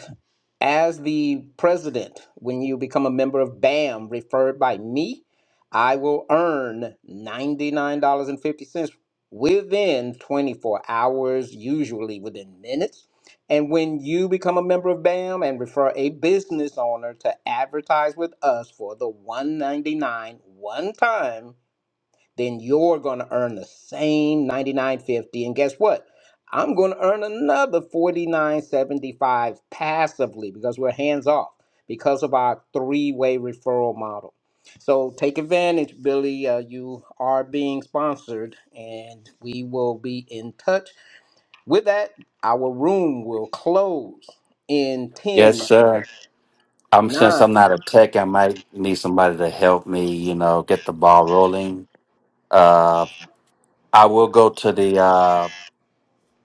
as the president, when you become a member of BAM, referred by me, I will earn $99.50 within 24 hours, usually within minutes. And when you become a member of BAM and refer a business owner to advertise with us for the 199 one time, then you're going to earn the same 99.50 and guess what i'm going to earn another 49.75 passively because we're hands off because of our three-way referral model so take advantage billy uh, you are being sponsored and we will be in touch with that our room will close in 10, Yes, sir. I'm since 9. I'm not a tech, I might need somebody to help me. You know, get the ball rolling. Uh, I will go to the uh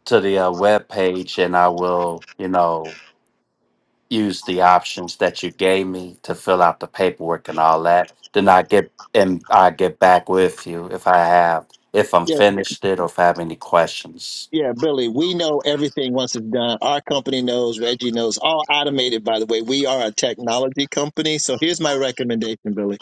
to the uh, web page and I will, you know, use the options that you gave me to fill out the paperwork and all that. Then I get and I get back with you if I have if I'm Yeah, finished it or if I have any questions. yeah, Billy. We know everything once it's done. Our company knows, Reggie knows, all automated, by the way. We are a technology company. So here's my recommendation, Billy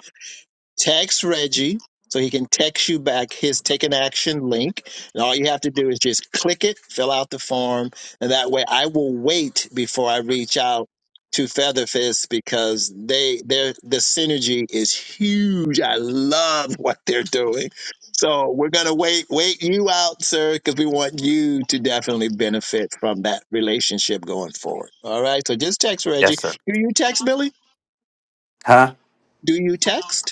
text Reggie so he can text you back his take an action link. And all you have to do is just click it, fill out the form, and that way I will wait before I reach out to Featherfist because they their the synergy is huge. I love what they're doing. So we're gonna wait wait you out, sir, because we want you to definitely benefit from that relationship going forward. All right. So just text Reggie. Yes, sir. Do you text Billy? Huh? Do you text?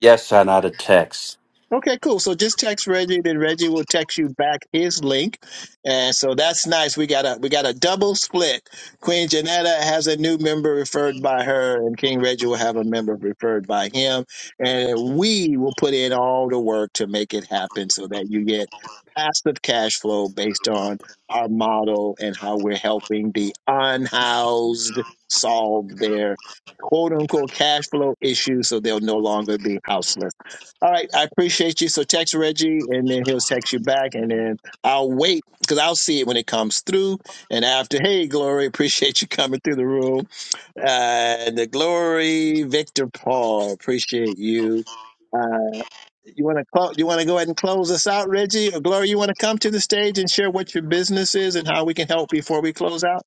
Yes, sir. Not a text. Okay, cool. So just text Reggie, then Reggie will text you back his link. And so that's nice. We got a we got a double split. Queen Janetta has a new member referred by her, and King Reggie will have a member referred by him. And we will put in all the work to make it happen so that you get passive cash flow based on our model and how we're helping the unhoused solve their quote unquote cash flow issues so they'll no longer be houseless all right, I appreciate you. So text Reggie, and then he'll text you back, and then I'll wait because I'll see it when it comes through. And after, hey, Glory, appreciate you coming through the room. Uh, the Glory, Victor Paul, appreciate you. Uh, you want to clo- you want to go ahead and close us out, Reggie or Glory? You want to come to the stage and share what your business is and how we can help before we close out?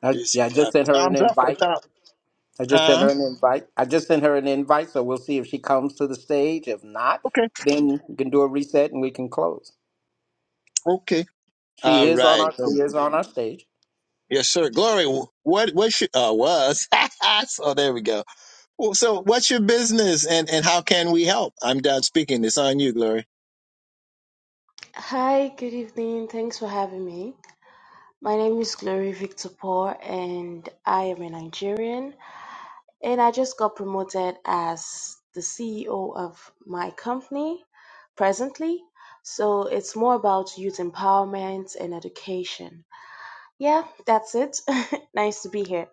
I, Just yeah, I just uh, sent her an thumbs up or invite. thumb? I just sent Huh? her an invite. I just sent her an invite, so we'll see if she comes to the stage. If not, Okay, then we can do a reset and we can close. okay, She all is on right. our she So is on our stage. Yes, sir. Glory. What what your, uh, was? so there we go. Well, so what's your business and and how can we help? I'm done speaking. It's on you, Glory. Hi, good evening. Thanks for having me. My name is Glory Victor Paul, and I am a Nigerian. And I just got promoted as the CEO of my company presently. So it's more about youth empowerment and education. Yeah, that's it. nice to be here.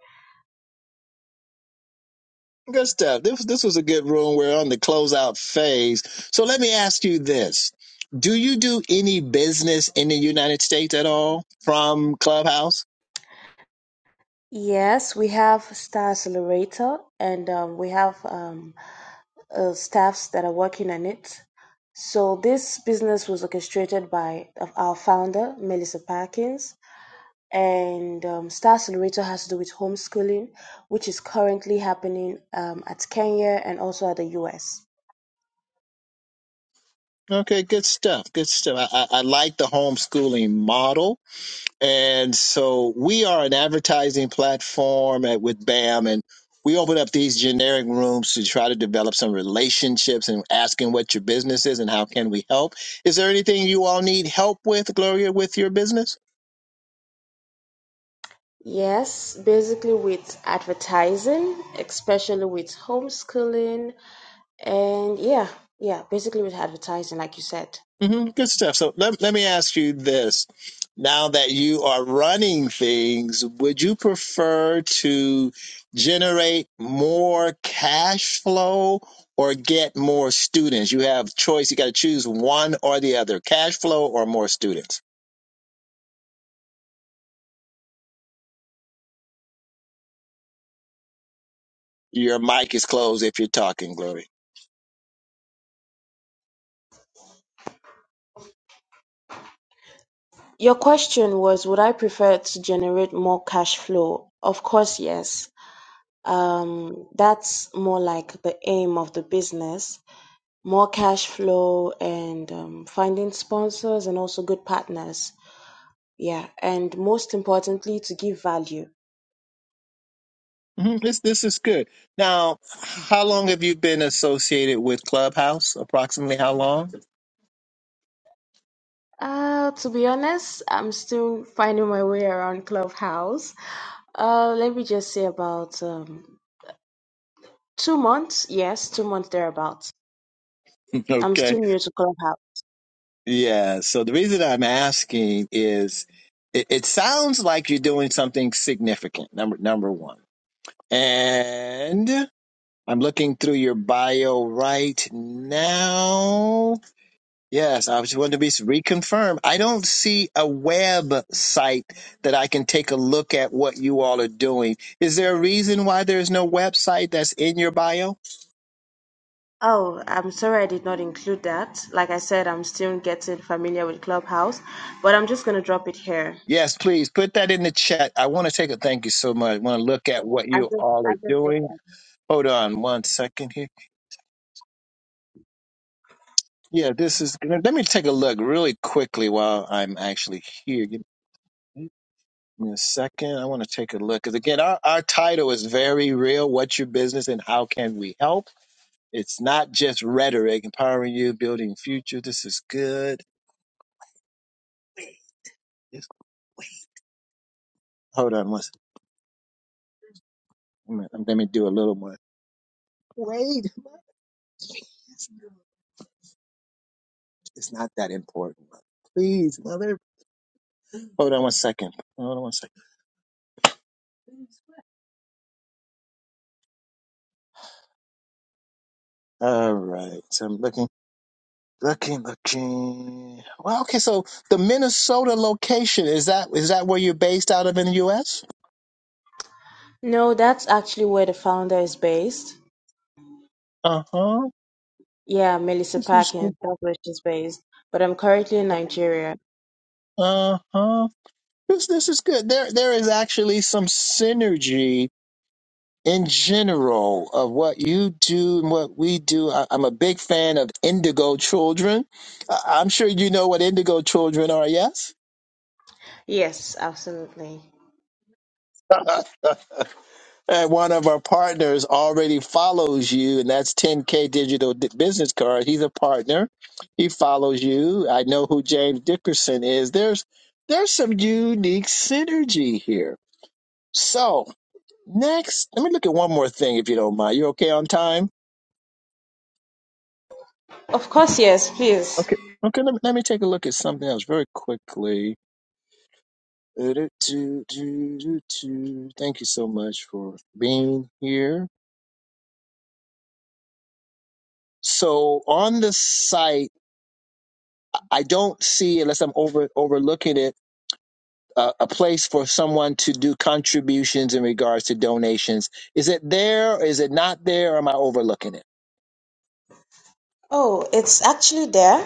Good stuff. This this was a good room. We're on the closeout phase. So let me ask you this: Do you do any business in the United States at all from Clubhouse? Yes, we have Star Accelerator, and um, we have um, uh, staffs that are working on it. So this business was orchestrated by uh, our founder, Melissa Parkins, and um, Star Accelerator has to do with homeschooling, which is currently happening um, at Kenya and also at the US. Okay, good stuff. Good stuff. I, I, I like the homeschooling model. And so we are an advertising platform at, with BAM, and we open up these generic rooms to try to develop some relationships and asking what your business is and how can we help. Is there anything you all need help with, Gloria, with your business? Yes, basically with advertising, especially with homeschooling, and yeah, yeah, basically with advertising, like you said. hmm Good stuff. So let, let me ask you this. Now that you are running things, would you prefer to generate more cash flow or get more students? You have choice. You got to choose one or the other, cash flow or more students. Your mic is closed if you're talking, Glory. Your question was, would I prefer to generate more cash flow? Of course, yes. Um, that's more like the aim of the business, more cash flow and um, finding sponsors and also good partners. Yeah, and most importantly, to give value hmm This this is good. Now, how long have you been associated with Clubhouse? Approximately how long? Uh, to be honest, I'm still finding my way around Clubhouse. Uh, let me just say about um, two months. Yes, two months thereabouts. I'm Okay. still new to Clubhouse. Yeah. So the reason I'm asking is it, it sounds like you're doing something significant, number number one. And I'm looking through your bio right now. Yes, I just want to be reconfirmed. I don't see a website that I can take a look at what you all are doing. Is there a reason why there's no website that's in your bio? Oh, I'm sorry I did not include that. Like I said, I'm still getting familiar with Clubhouse, but I'm just gonna drop it here. Yes, please put that in the chat. I want to take a thank you so much. I want to look at what I you just, all I are just. doing. Hold on one second here. Yeah, this is. Let me take a look really quickly while I'm actually here. Give me give me a second. I want to take a look because again, our, our title is very real. What's your business and how can we help? It's not just rhetoric, empowering you, building future. This is good. Wait, just wait. Hold on one second. Let me do a little more. Wait. Please. no. It's not that important. Please, mother. Hold on one second. Hold on one second. All right. So I'm looking, looking, looking. Well, okay. So the Minnesota location is that is that where you're based out of in the U.S.? No, that's actually where the founder is based. Uh huh. Yeah, Melissa This is Parkin, that's where she's based. But I'm currently in Nigeria. uh huh. This this is good. There there is actually some synergy in general of what you do and what we do. I, I'm a big fan of Indigo Children. I, I'm sure you know what Indigo Children are. Yes. Yes, absolutely. and one of our partners already follows you, and that's 10K Digital D- Business Card. He's a partner. He follows you. I know who James Dickerson is. There's there's some unique synergy here. So Next, let me look at one more thing if you don't mind. You okay on time? Of course, yes, please. Okay. Okay, let me, let me take a look at something else very quickly. Do-do-do-do-do-do. Thank you so much for being here. So on the site, I don't see, unless I'm over overlooking it, uh, a a place for someone to do contributions in regards to donations. Is it there? Is it not there? Or am I overlooking it? Oh, it's actually there.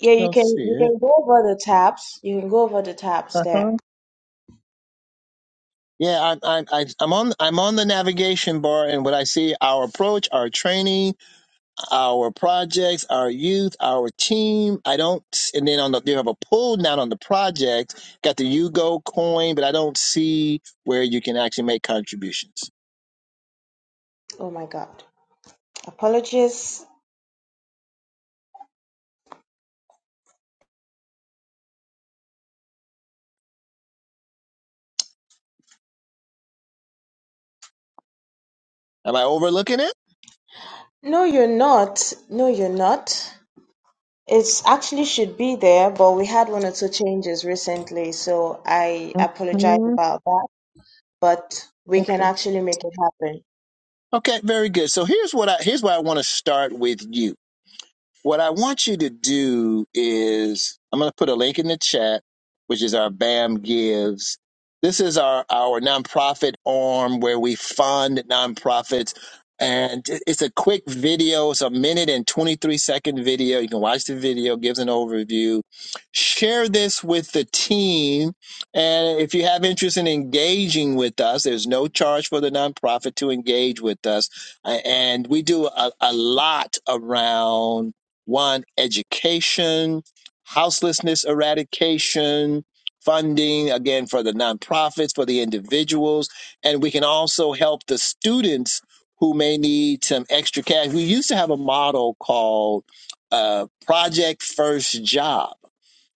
Yeah, you Don't can see you it. can go over the tabs. You can go over the tabs there. Yeah, I, I, I, I'm on. I'm on the navigation bar, and what I see, our approach, our training, our projects, our youth, our team. I don't, and then on the you have a pull down on the project. Got the Yugo coin, but I don't see where you can actually make contributions. Oh my God. Apologies. Am I overlooking it? No, you're not. No, you're not. It's actually should be there, but we had one or two changes recently, so I apologize Mhm. about that, but we can Okay. actually make it happen. Okay. Very good. So here's what I here's where I want to start with you What I want you to do is I'm going to put a link in the chat, which is our BAM Gives. This is our, our nonprofit arm where we fund nonprofits. And it's a quick video. It's a minute and 23 second video. You can watch the video, gives an overview. Share this with the team. And if you have interest in engaging with us, there's no charge for the nonprofit to engage with us. A- And we do a, a lot around one education, houselessness eradication, funding again for the nonprofits, for the individuals, and we can also help the students who may need some extra cash. We used to have a model called uh, Project First Job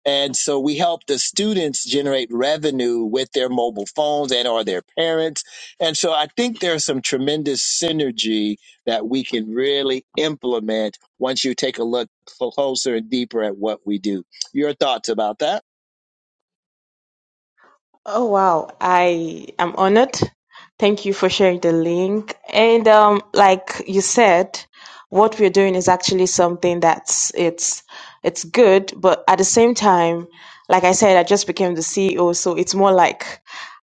and so we help the students generate revenue with their mobile phones and or their parents. And so I think there's some tremendous synergy that we can really implement once you take a look closer and deeper at what we do. Your thoughts about that? Oh wow, I am honored. Thank you for sharing the link. And um, like you said, what we're doing is actually something that's it's it's good, but at the same time, like I said, I just became the CEO, so it's more like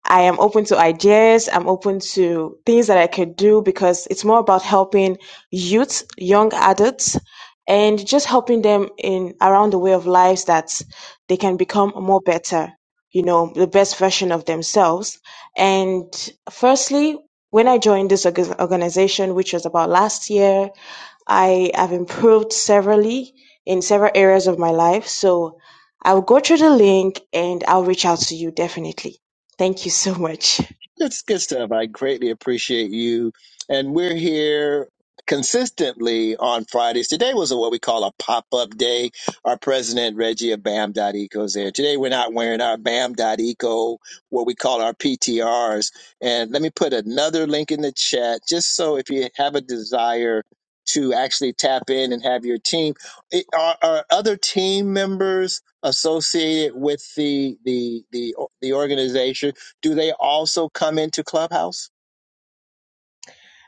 I am open to ideas. I'm open to things that I could do because it's more about helping youth, young adults, and just helping them in around the way of lives that they can become more better you know, the best version of themselves. And firstly, when I joined this org- organization, which was about last year, I have improved severally in several areas of my life. So I'll go through the link and I'll reach out to you definitely. Thank you so much. That's good stuff. I greatly appreciate you. And we're here consistently on Fridays. Today was what we call a pop up day. Our president, Reggie of BAM.eco, is there. Today we're not wearing our BAM.eco, what we call our PTRs. And let me put another link in the chat just so if you have a desire to actually tap in and have your team. It- Are, are other team members associated with the the the the organization? Do they also come into Clubhouse?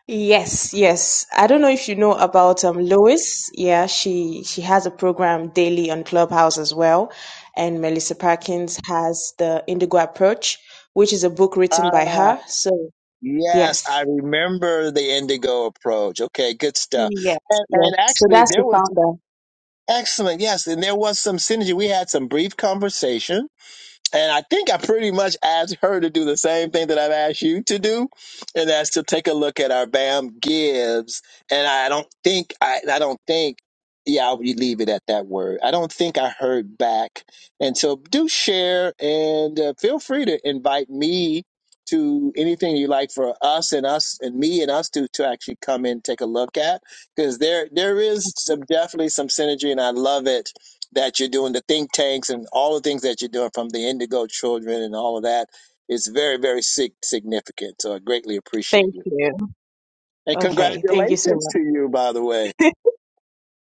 Yes, yes. I don't know if you know about um Lois. Yeah, she she has a program daily on Clubhouse as well. And Melissa Parkins has the Indigo Approach, which is a book written by Ah, her. So yes, I yes. remember the Indigo approach. Okay, good stuff. Yes, And yes. and So actually, that's the there was founder. excellent. Yes, and there was some synergy. We had some brief conversation And I think I pretty much asked her to do the same thing that I've asked you to do, and that's to take a look at our BAM gives. And I don't think I, I don't think, yeah, I'll leave it at that word. I don't think I heard back. And so do share and uh, feel free to invite me to anything you like for us and us and me and us to to actually come in and take a look at because there there is some definitely some synergy and I love it that you're doing, the think tanks and all the things that you're doing from the Indigo Children and all of that is very, very sig- significant. So I greatly appreciate Thank you. you. And Okay. Thank you so congratulations much. to you, by the way.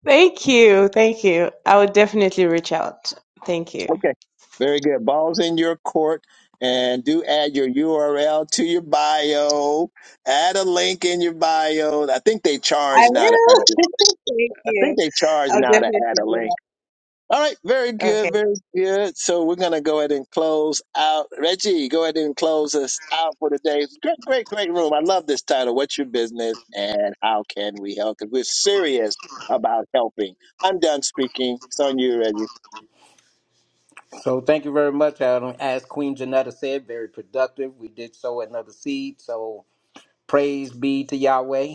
Thank you. Thank you. I will definitely reach out. Thank you. Okay. Very good. Ball's in your court. And do add your URL to your bio. Add a link in your bio. I think they I charge now to add will. a Thank I think you. they charge I'll now to definitely add a do link. that. All right, very Okay. good, very good. So we're gonna go ahead and close out. Reggie, go ahead and close us out for today. Great, great, great room. I love this title. What's your business and how can we help? Because we're serious about helping. I'm done speaking. It's on you, Reggie. So thank you very much, Adam. As Queen Janetta said, very productive. We did sow another seed. So praise be to Yahweh.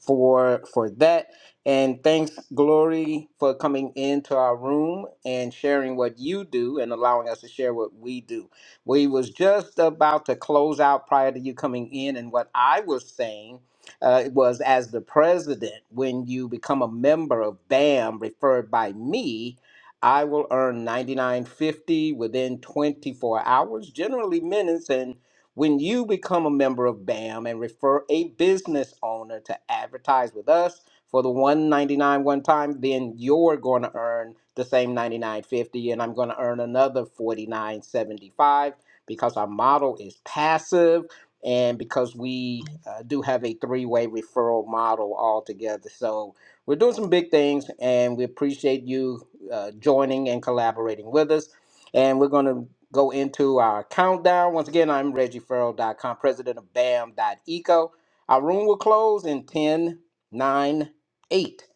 for for that. And thanks, Glory, for coming into our room and sharing what you do and allowing us to share what we do. We was just about to close out prior to you coming in, and what I was saying uh, was as the president, when you become a member of BAM, referred by me, I will earn ninety nine fifty within twenty four hours, generally minutes, and when you become a member of BAM and refer a business owner to advertise with us for the 199 one time, then you're going to earn the same 99.50 and I'm going to earn another 49.75 because our model is passive and because we uh, do have a three-way referral model altogether. So we're doing some big things and we appreciate you uh, joining and collaborating with us. And we're going to go into our countdown. Once again, I'm ReggieFerrell.com, president of BAM.eco. Our room will close in 10, 9, 8,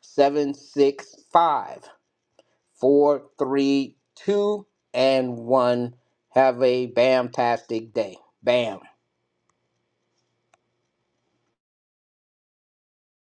7, 6, 5, 4, 3, 2, and 1. Have a BAM-tastic day. BAM.